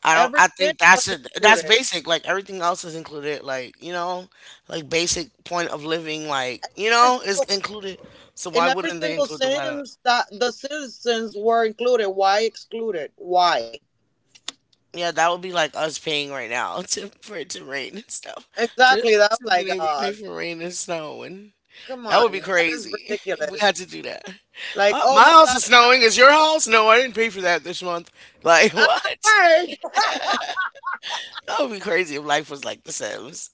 A: I don't.
B: Every
A: I
B: sin
A: think that's
B: was
A: it. That's
B: included.
A: basic. Like everything else is included. Like you know, like basic point of living. Like you
B: Every
A: know, is
B: single,
A: included. So
B: in
A: why
B: every
A: wouldn't they
B: single
A: include the weather?
B: sins that the citizens were included. Why excluded? Why?
A: Yeah, that would be like us paying right now to for it to rain and stuff. To
B: Exactly. That I'm like,
A: being able to
B: oh,
A: pay for rain and snow and
B: come
A: that would be
B: on, that is
A: crazy if we
B: ridiculous.
A: had to do that.
B: Like, oh
A: My
B: my
A: house
B: god,
A: is
B: it's
A: snowing.
B: not
A: Is your house? No, I didn't pay for that this month. Like
B: ah,
A: what?
B: work.
A: That would be crazy if life was like The Sims.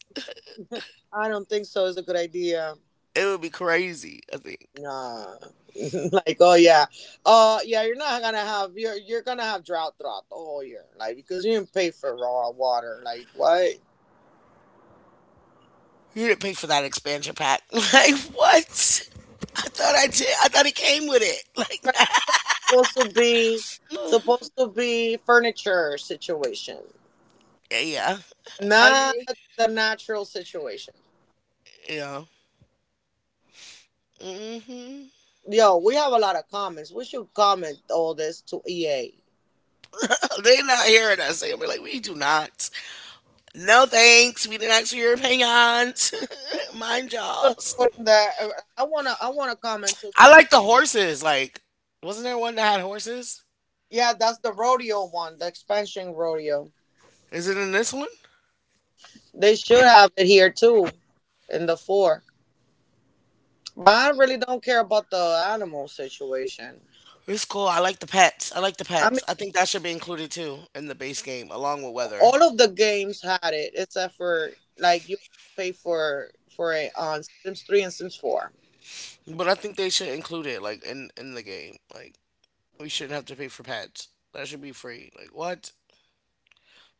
B: I don't think so. Is a good idea.
A: It would be crazy, I think.
B: Nah. Like, oh yeah, yeah, you're not gonna have you're gonna have drought throughout the whole year, like, because you didn't pay for raw water. Like, what?
A: You didn't pay for that expansion pack. Like, what? I thought I did. I thought it came with it. Like that.
B: Supposed to be Supposed to be furniture situation,
A: Yeah. Yeah. I
B: not
A: mean,
B: the natural situation.
A: yeah. Mm-hmm.
B: Yo, we have a lot of comments. We should comment all this to EA.
A: They are not hearing us. They'll be like, we do not. No thanks. We didn't ask for your opinions. Mind
B: Should
A: y'all's.
B: uh, I wanna comment to
A: I like
B: them.
A: the horses. Like, wasn't there one that had horses?
B: Yeah, that's the rodeo one, the expansion rodeo.
A: Is it in this one?
B: They should have it here too, in the four. But I really don't care about the animal situation.
A: It's cool. I like the pets. I like the
B: I
A: pets.
B: mean,
A: I think that should be included too in the base game, along with weather.
B: all of the games had it, except for, like, you pay for it on Sims three and Sims four.
A: But I think they should include it like in the game. Like we shouldn't have to pay for pets. That should be free. Like what?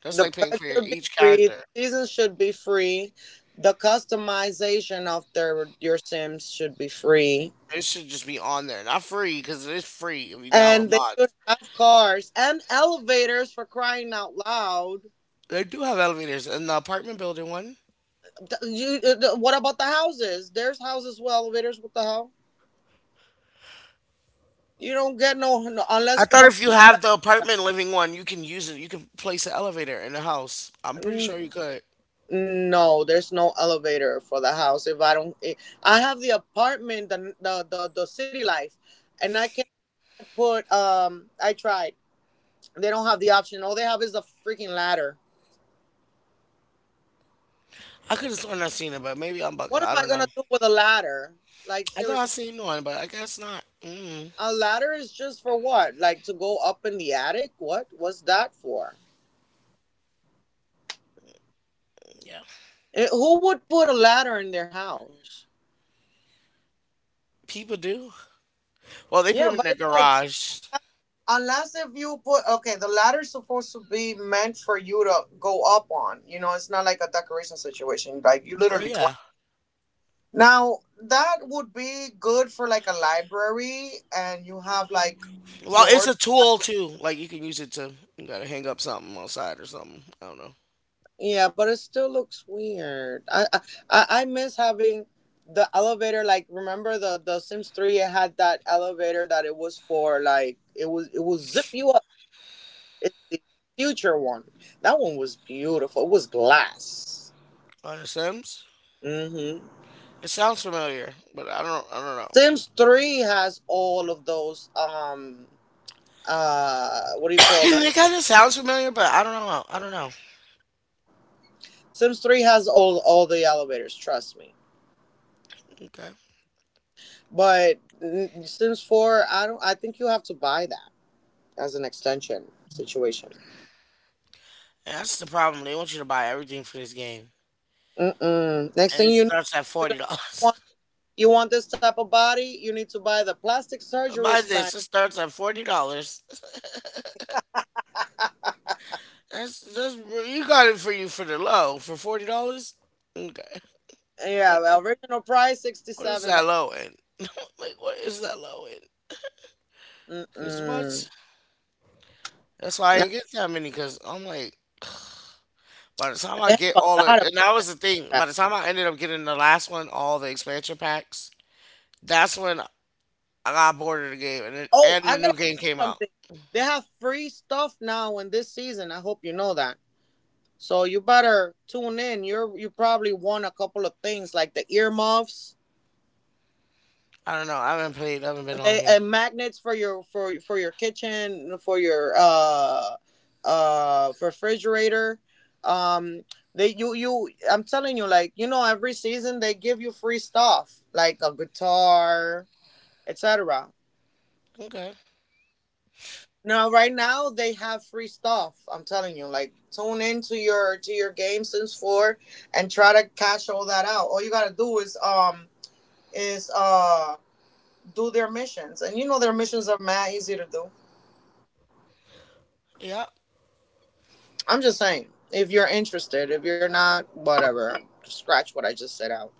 A: That's
B: The
A: like paying
B: pet
A: for your,
B: should be
A: each
B: free. The
A: character.
B: season should be free. The customization of their your Sims should be free.
A: It should just be on there, not free because it is free if you download
B: And they should
A: mods.
B: have cars and elevators for crying out loud.
A: They do have elevators in the apartment building one.
B: You, what about the houses? There's houses with elevators. What the hell? You don't get no, no
A: I
B: unless you
A: thought
B: buy.
A: if you have the apartment living one, you can use it. You can place an elevator in the house. I'm pretty
B: N-
A: sure you could.
B: No, there's no elevator for the house. If I don't, I have the apartment, the city life, and I can put. I tried. They don't have the option. All they have is a freaking ladder.
A: I could have sworn I seen it, but maybe I'm
B: What
A: bugging.
B: am
A: I
B: I
A: don't
B: gonna
A: know.
B: do with a ladder? Like,
A: I thought I
B: seriously,
A: seen one, but I guess not. Mm,
B: a ladder is just for what? Like to go up in the attic? What? What's that for?
A: yeah,
B: Who would put a ladder in their house?
A: people do. Well, they
B: Yeah,
A: put them
B: but
A: in
B: it's
A: their
B: like
A: garage.
B: unless if you put, okay, the ladder's supposed to be meant for you to go up on. You know, it's not like a decoration situation. Like you
A: Well,
B: literally climb.
A: yeah.
B: Now that would be good for like a library, and you have like
A: Well, it's
B: floors.
A: a tool too. Like you can use it to you gotta hang up something outside or something. I don't know.
B: Yeah, but it still looks weird. I miss having the elevator. Like remember the Sims 3? It had that elevator that it was for. Like it will zip you up. It's the future one. That one was beautiful. It was glass.
A: On the Sims?
B: Mm-hmm.
A: It sounds familiar, but I don't
B: Sims Three has all of those.
A: know.
B: What do you call that?
A: It kinda sounds familiar, but I don't know. I don't know.
B: Sims 3 has all the elevators. Trust me.
A: Okay.
B: But Sims 4, I don't. I think you have to buy that as an extension situation.
A: And that's the problem. They want you to buy everything for this game.
B: Mm-mm. Next
A: And
B: thing
A: it
B: you know,
A: starts at
B: you're gonna be like,
A: forty
B: oh,
A: dollars.
B: you want this type of body? You need to buy the plastic surgery
A: Buy
B: expansion.
A: this, it starts at $40. That's you got it for you for the low. For $40? Okay.
B: Yeah,
A: That-
B: well, original price sixty
A: What is
B: seven
A: that low end? Like what is that low end?
B: dollars.
A: Cause what?
B: Mm-mm.
A: That's why I
B: Nah,
A: didn't get that many because I'm like, by the time I
B: they have
A: get
B: a
A: all of,
B: lot of
A: and that was
B: expensive.
A: the thing. By the time I ended up getting the last one, all the expansion packs, that's when I got bored of the game, and it,
B: Oh,
A: and the
B: I
A: new
B: gotta tell
A: game came
B: you
A: out.
B: something. They have free stuff now in this season. I hope you know that. So you better tune in. You probably won a couple of things, like the earmuffs,
A: I don't know. I haven't played. I haven't been on
B: they,
A: here.
B: and magnets for your, for your kitchen, for your refrigerator. Um they you you I'm telling you, like, every season they give you free stuff like a guitar, etc.
A: Okay.
B: Now right now they have free stuff. I'm telling you, like, tune into your, to your game since 4, and try to cash all that out. All you got to do is is uh do their missions. And their missions are mad easy to do.
A: Yeah.
B: I'm just saying, if you're interested, if you're not, whatever, scratch what I just said out.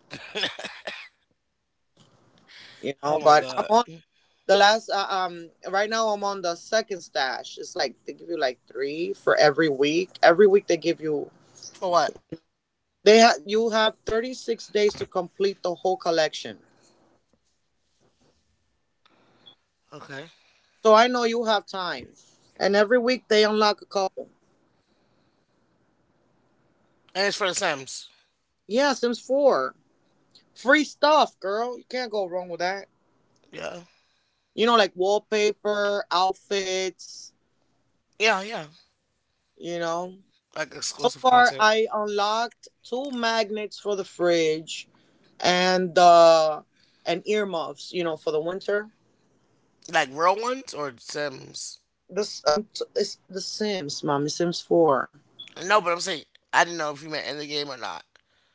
B: You know,
A: Oh my
B: but I'm on
A: god.
B: the last. Right now I'm on the second stash. It's like they give you like three for every week. Every week they give you
A: For what?
B: you have 36 days to complete the whole collection.
A: Okay.
B: So I know you have time, and every week they unlock a couple.
A: And it's for the Sims.
B: Yeah, Sims 4, free stuff, girl. You can't go wrong with that.
A: Yeah.
B: You know, like wallpaper, outfits.
A: Yeah. Yeah.
B: You know.
A: Like
B: So
A: exclusive
B: far,
A: content.
B: I unlocked two magnets for the fridge, and earmuffs. You know, for the winter.
A: Like real ones or Sims.
B: It's the Sims, mommy. Sims 4
A: No, but I'm saying I didn't know if you meant in the game or not.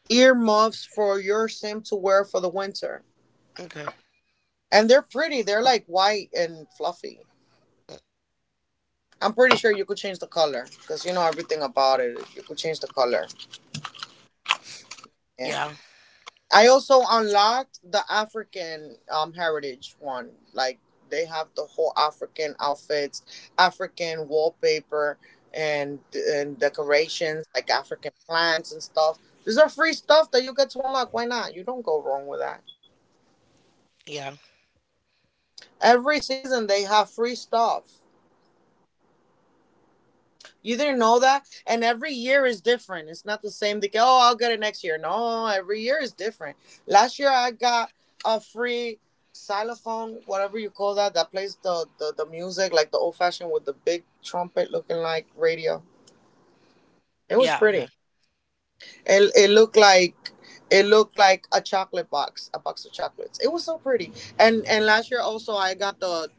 B: earmuffs for your Sim to wear for the winter,
A: Okay.
B: and they're pretty. They're like white and fluffy. I'm pretty sure you could change the color because you know everything about it. You could change the color. Yeah.
A: Yeah.
B: I also unlocked the African heritage one. Like they have the whole African outfits, African wallpaper and decorations, like African plants and stuff. These are free stuff that you get to unlock. Why not? You don't go wrong with that.
A: Yeah.
B: Every season they have free stuff. You didn't know that? And every year is different. It's not the same. They go, oh, I'll get it next year. No, every year is different. Last year I got a free xylophone, whatever you call that, that plays the, music, like the old fashioned with the big trumpet looking like radio. It was
A: Yeah. Okay.
B: pretty. It, it looked like a chocolate box, a box of chocolates. It was so pretty. And last year also I got the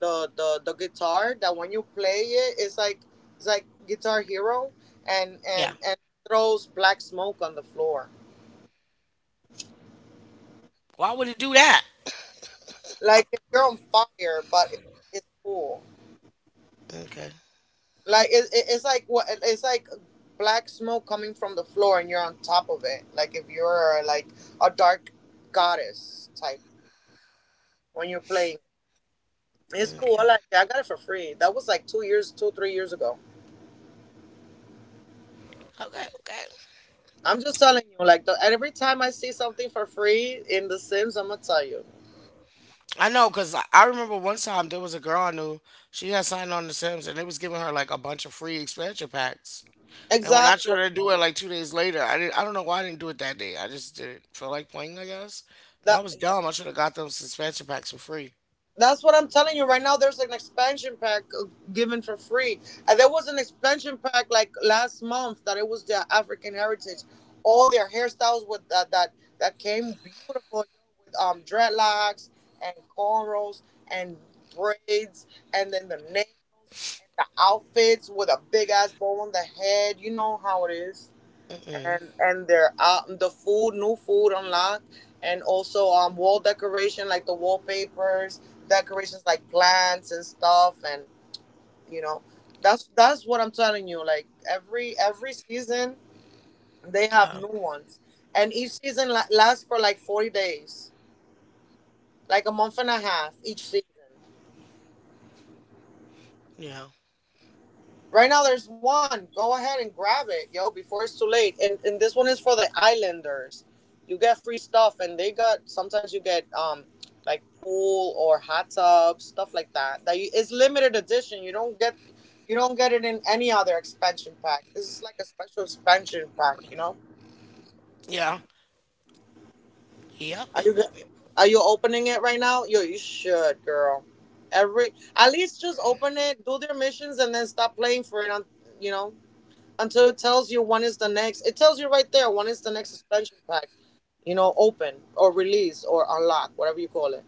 B: the the the guitar that when you play it, it's like Guitar Hero, and
A: Yeah.
B: throws black smoke on the floor.
A: Why would it do that?
B: Like if you're on fire, but it's cool.
A: Okay.
B: Like it's like, what, it's like black smoke coming from the floor, and you're on top of it. Like if you're like a dark goddess type when you're playing. It's cool. I
A: Okay.
B: like it. I got it for free. That was like 2-3 years ago.
A: Okay. Okay.
B: I'm just telling you, like every time I see something for free in The Sims, I'm gonna tell you.
A: I know because I remember one time there was a girl I knew. She had signed on The Sims and they was giving her like a bunch of free expansion packs. And when I
B: Exactly.
A: tried to do it like 2 days later, I didn't. I don't know why I didn't do it that day. I just didn't feel like playing. I guess
B: That,
A: that was
B: yeah.
A: dumb. I should have got those expansion packs for free.
B: That's what I'm telling you right now. There's an expansion pack given for free, and there was an expansion pack like last month that it was their African heritage. All their hairstyles with that came beautiful, yo, with dreadlocks and cornrows and braids, and then the nails and the outfits with a big ass bow on the head. You know how it is.
A: Mm-mm.
B: And their, the food, new food unlocked, and also wall decoration like the wallpapers, decorations like plants and stuff, and you know that's what I'm telling you. Like every season they have
A: Oh,
B: new ones, and each season lasts for like 40 days, like a month and a half each season.
A: yeah.
B: Right now, there's one. Go ahead and grab it, yo, before it's too late. And this one is for the Islanders. You get free stuff, and they got, sometimes you get like pool or hot tubs, stuff like that. That you, it's limited edition. You don't get it in any other expansion pack. This is like a special expansion pack. You know?
A: Yeah. Yep.
B: Are
A: Yep.
B: you go-
A: Yep. Yep.
B: are you opening it right now? Yo, you should, girl. Every At least just open it, do their missions, and then stop playing for it on, you know, until it tells you when is the next. It tells you right there when is the next expansion pack, you know, open or release or unlock, whatever you call it.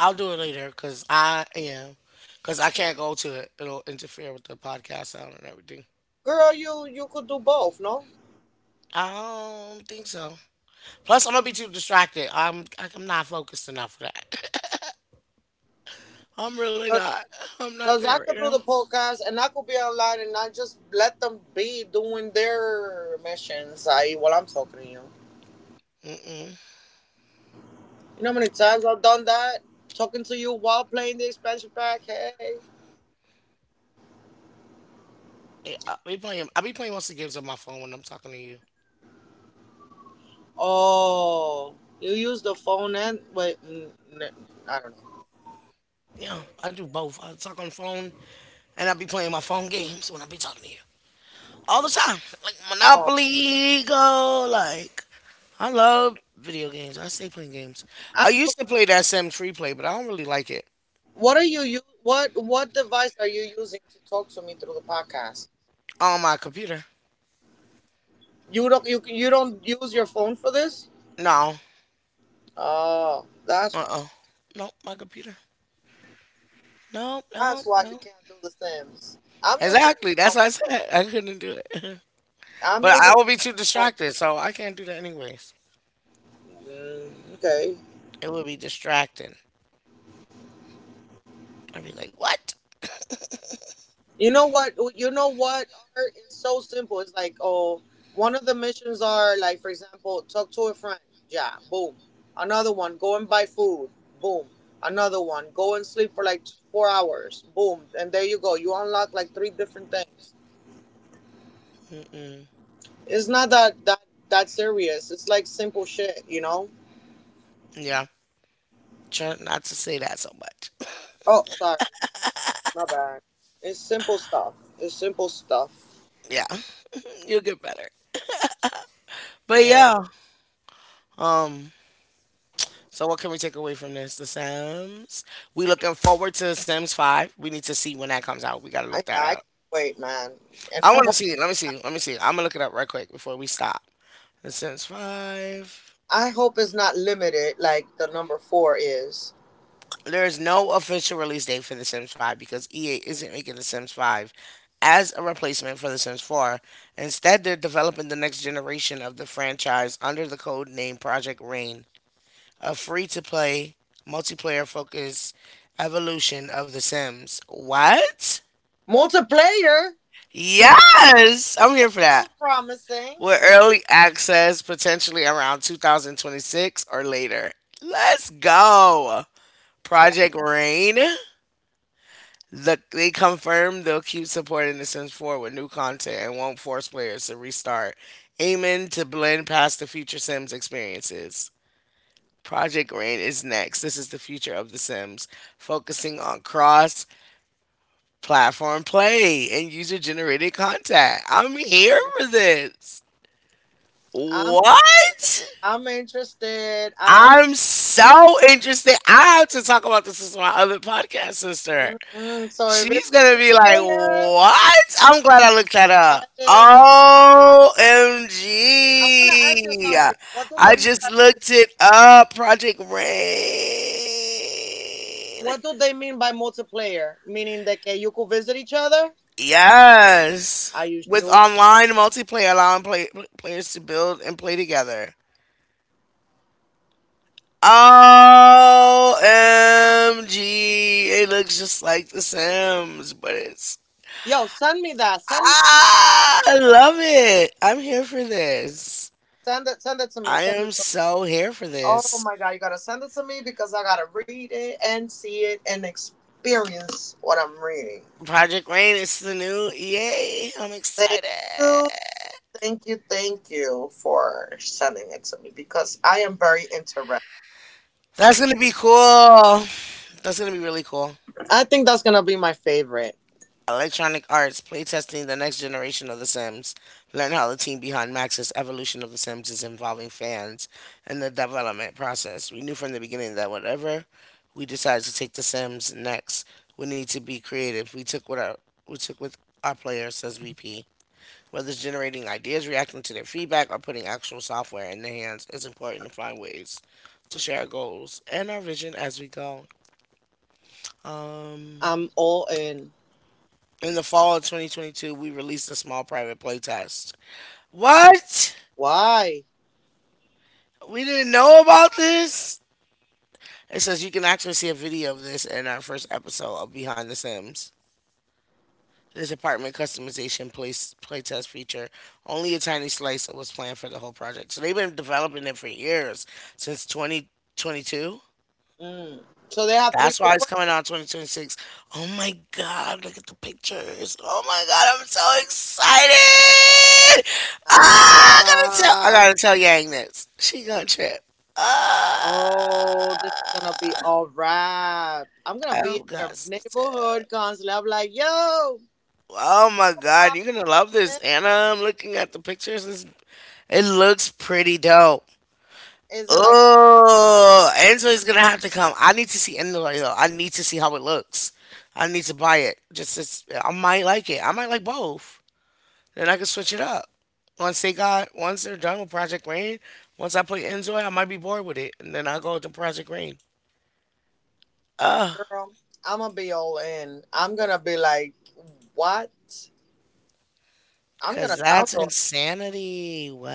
A: I'll do it later because I am. Because I can't go to it. It'll interfere with the podcast sound and everything.
B: Girl, you could do both, no?
A: I don't think so. Plus, I'm gonna be too distracted. I'm not focused enough for that. I'm really not. I'm not
B: Because
A: there
B: I
A: right
B: could do the
A: now.
B: podcast and I could be online, and I just let them be doing their missions, i.e., while I'm talking to you.
A: Mm-mm.
B: You know how many times I've done that? Talking to you while playing the expansion pack, hey.
A: Yeah, I be playing. I be playing most of the games on my phone when I'm talking to you.
B: Oh, you use the phone and wait, I don't know.
A: Yeah, I do both. I talk on the phone, and I be playing my phone games when I be talking to you all the time, like
B: Oh,
A: Monopoly Go. Like I love video games. I stay playing games.
B: I
A: I
B: have a
A: used to play
B: question.
A: that Sims Tree Play, but I don't really like it
B: What device are you using to talk to me through the podcast?
A: on my computer.
B: You don't use your phone for this?
A: No.
B: Oh, that's
A: Uh.
B: why.
A: uh No, my computer. Nope, nope,
B: That's why you
A: no.
B: can't do the Sims.
A: Exactly. That's what I said. I couldn't do it.
B: I'm
A: But I
B: using
A: would
B: right
A: be
B: now
A: too
B: my phone.
A: distracted, so I can't do that anyways.
B: Okay.
A: It would be distracting. I'd be like, what?
B: You know what? Oh, you know what? Art is so simple. It's like, oh, one of the missions are like, for example, talk to a friend. Yeah, boom. Another one, go and buy food. Boom. Another one, go and sleep for like 4 hours. Boom. And there you go. You unlock like three different things.
A: mm
B: It's not that serious. It's like simple shit. You know?
A: Yeah. Try not to say that so much.
B: Oh, sorry, my bad. It's simple stuff. It's simple stuff.
A: Yeah. You'll get better. But
B: Yeah,
A: yeah. Um. So what can we take away from this? The Sims. We looking forward to The Sims Five. We need to see when that comes out. We gotta look
B: I
A: that
B: I can't
A: up.
B: wait, man. And
A: I
B: I
A: want to
B: hope.
A: see. Let me see. Let me see. I'm gonna look it up right quick before we stop. The Sims Five.
B: I hope it's not limited like the number 4 is.
A: There is no official release date for The Sims 5 because EA isn't making The Sims 5 as a replacement for The Sims 4. Instead, they're developing the next generation of the franchise under the code name Project Rain, a free to play, multiplayer focused evolution of The Sims. What?
B: Multiplayer
A: Yes! I'm here for that.
B: sounds promising.
A: With early access potentially around 2026 or later. Let's go!
B: Yeah,
A: Project Rain? They confirmed they'll keep supporting The Sims 4 with new content and won't force players to restart, aiming to blend past the future Sims experiences. Project Rain is next. This is the future of The Sims, focusing on cross platform play and user generated content. I'm here for this.
B: I'm
A: What?
B: I'm interested.
A: I'm so interested. I have to talk about this with my other podcast sister.
B: So if it's
A: She's gonna be like,
B: multiplayer,
A: "What?" I'm glad I looked that up.
B: excited.
A: O M
B: I want to ask you
A: G!
B: something. What do
A: I
B: they mean?
A: just looked it up. Project Rain.
B: What do they mean by multiplayer? Meaning that, okay, you could visit each other? Are
A: Yes.
B: you
A: With
B: sure?
A: online multiplayer allowing players to build and play together. OMG. It looks just like The Sims, but it's.
B: Yo, send me that. Send me that.
A: Ah, I love it. I'm here for this.
B: Send it. Send it to me.
A: I
B: Send
A: am
B: it to me.
A: so here for
B: Oh
A: this.
B: my God, you gotta send it to me because I gotta read it and see it and experience what I'm reading.
A: Project Rain is the new EA. I'm
B: Thank
A: excited.
B: you, thank you, thank you for sending it to me because I am very interested.
A: That's gonna be cool. That's gonna be really cool.
B: I think that's gonna be my favorite.
A: Electronic Arts playtesting the next generation of The Sims. Learn how the team behind Max's evolution of The Sims is involving fans in the development process. We knew from the beginning that whatever we decided to take The Sims next would need to be creative. We took with our players, says VP. Whether it's generating ideas, reacting to their feedback, or putting actual software in their hands, it's important to find ways to share our goals and our vision as we go. Um,
B: I'm all in.
A: in the fall of 2022, we released a small private playtest. What?
B: Why?
A: We didn't know about this? It says you can actually see a video of this in our first episode of Behind the Sims. This apartment customization place playtest feature, only a tiny slice was planned for the whole project. So they've been developing it for years, since 2022.
B: Mm. So they have three
A: That's why it's
B: different.
A: coming out 2026. Oh my god, look at the pictures. Oh my god, I'm so excited.
B: Ah,
A: Ah, I
B: ah.
A: gotta tell Yang this. She gonna trip. Ah,
B: Oh, this is gonna be all right. I'm gonna be in
A: I've got
B: your
A: to tell.
B: neighborhood constantly. I'm like, yo,
A: Oh my god, you're gonna love this, Anna. I'm looking at the pictures. It looks pretty dope.
B: is it like?
A: Oh, Enzo is gonna have to come. I need to see Enzo though. I need to see how it looks. I need to buy it. Just I might like it. I might like both. Then I can switch it up. Once they're done with Project Rain, once I play Enzo, I might be bored with it, and then I'll go to Project Rain. Ugh,
B: Girl, I'm gonna be all in. I'm gonna be like, what? I'm gonna
A: cause that's
B: download.
A: insanity. What?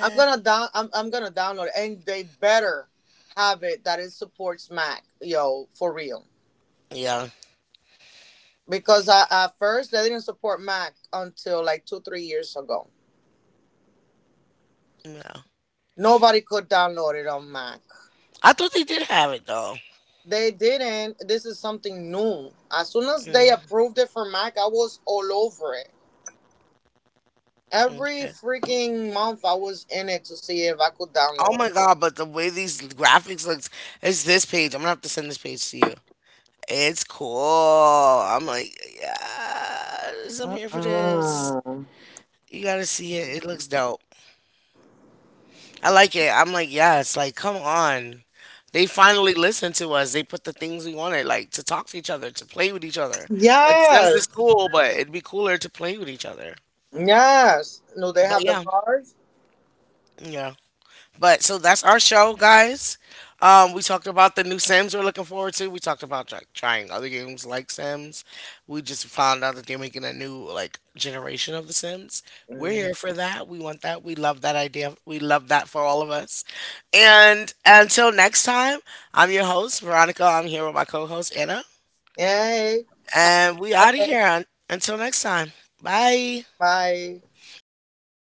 B: I'm gonna download, and they better have it that it supports Mac, yo, for real.
A: Yeah,
B: Because at first they didn't support Mac until like two, 3 years ago.
A: yeah.
B: Nobody could download it on Mac.
A: I thought they did have it though.
B: They didn't. This is something new. As soon as
A: Mm,
B: they approved it for Mac, I was all over it. Every
A: okay.
B: freaking month, I was in it to see if I could
A: Oh
B: download it.
A: my god, but the way these graphics looks, it's this page. I'm gonna have to send this page to you. It's cool. I'm like, yes, I'm here for this.
B: Mm.
A: You gotta see it. It looks dope. I like it. I'm like, yes, like, come on. They finally listened to us. They put the things we wanted, like to talk to each other, to play with each other. Like Sims is
B: Yes.
A: cool, but it'd be cooler to play with each other.
B: Yes. No, they
A: But
B: have the cars.
A: yeah. But so that's our show, guys. We talked about the new Sims we're looking forward to. We talked about trying other games like Sims. We just found out that they're making a new like generation of the Sims. We're
B: Mm-hmm.
A: here for that. We want that. We love that idea. We love that for all of us. And until next time, I'm your host Veronica. I'm here with my co-host Anna,
B: Hey.
A: and we out of here. Until next time, bye.
B: Hi.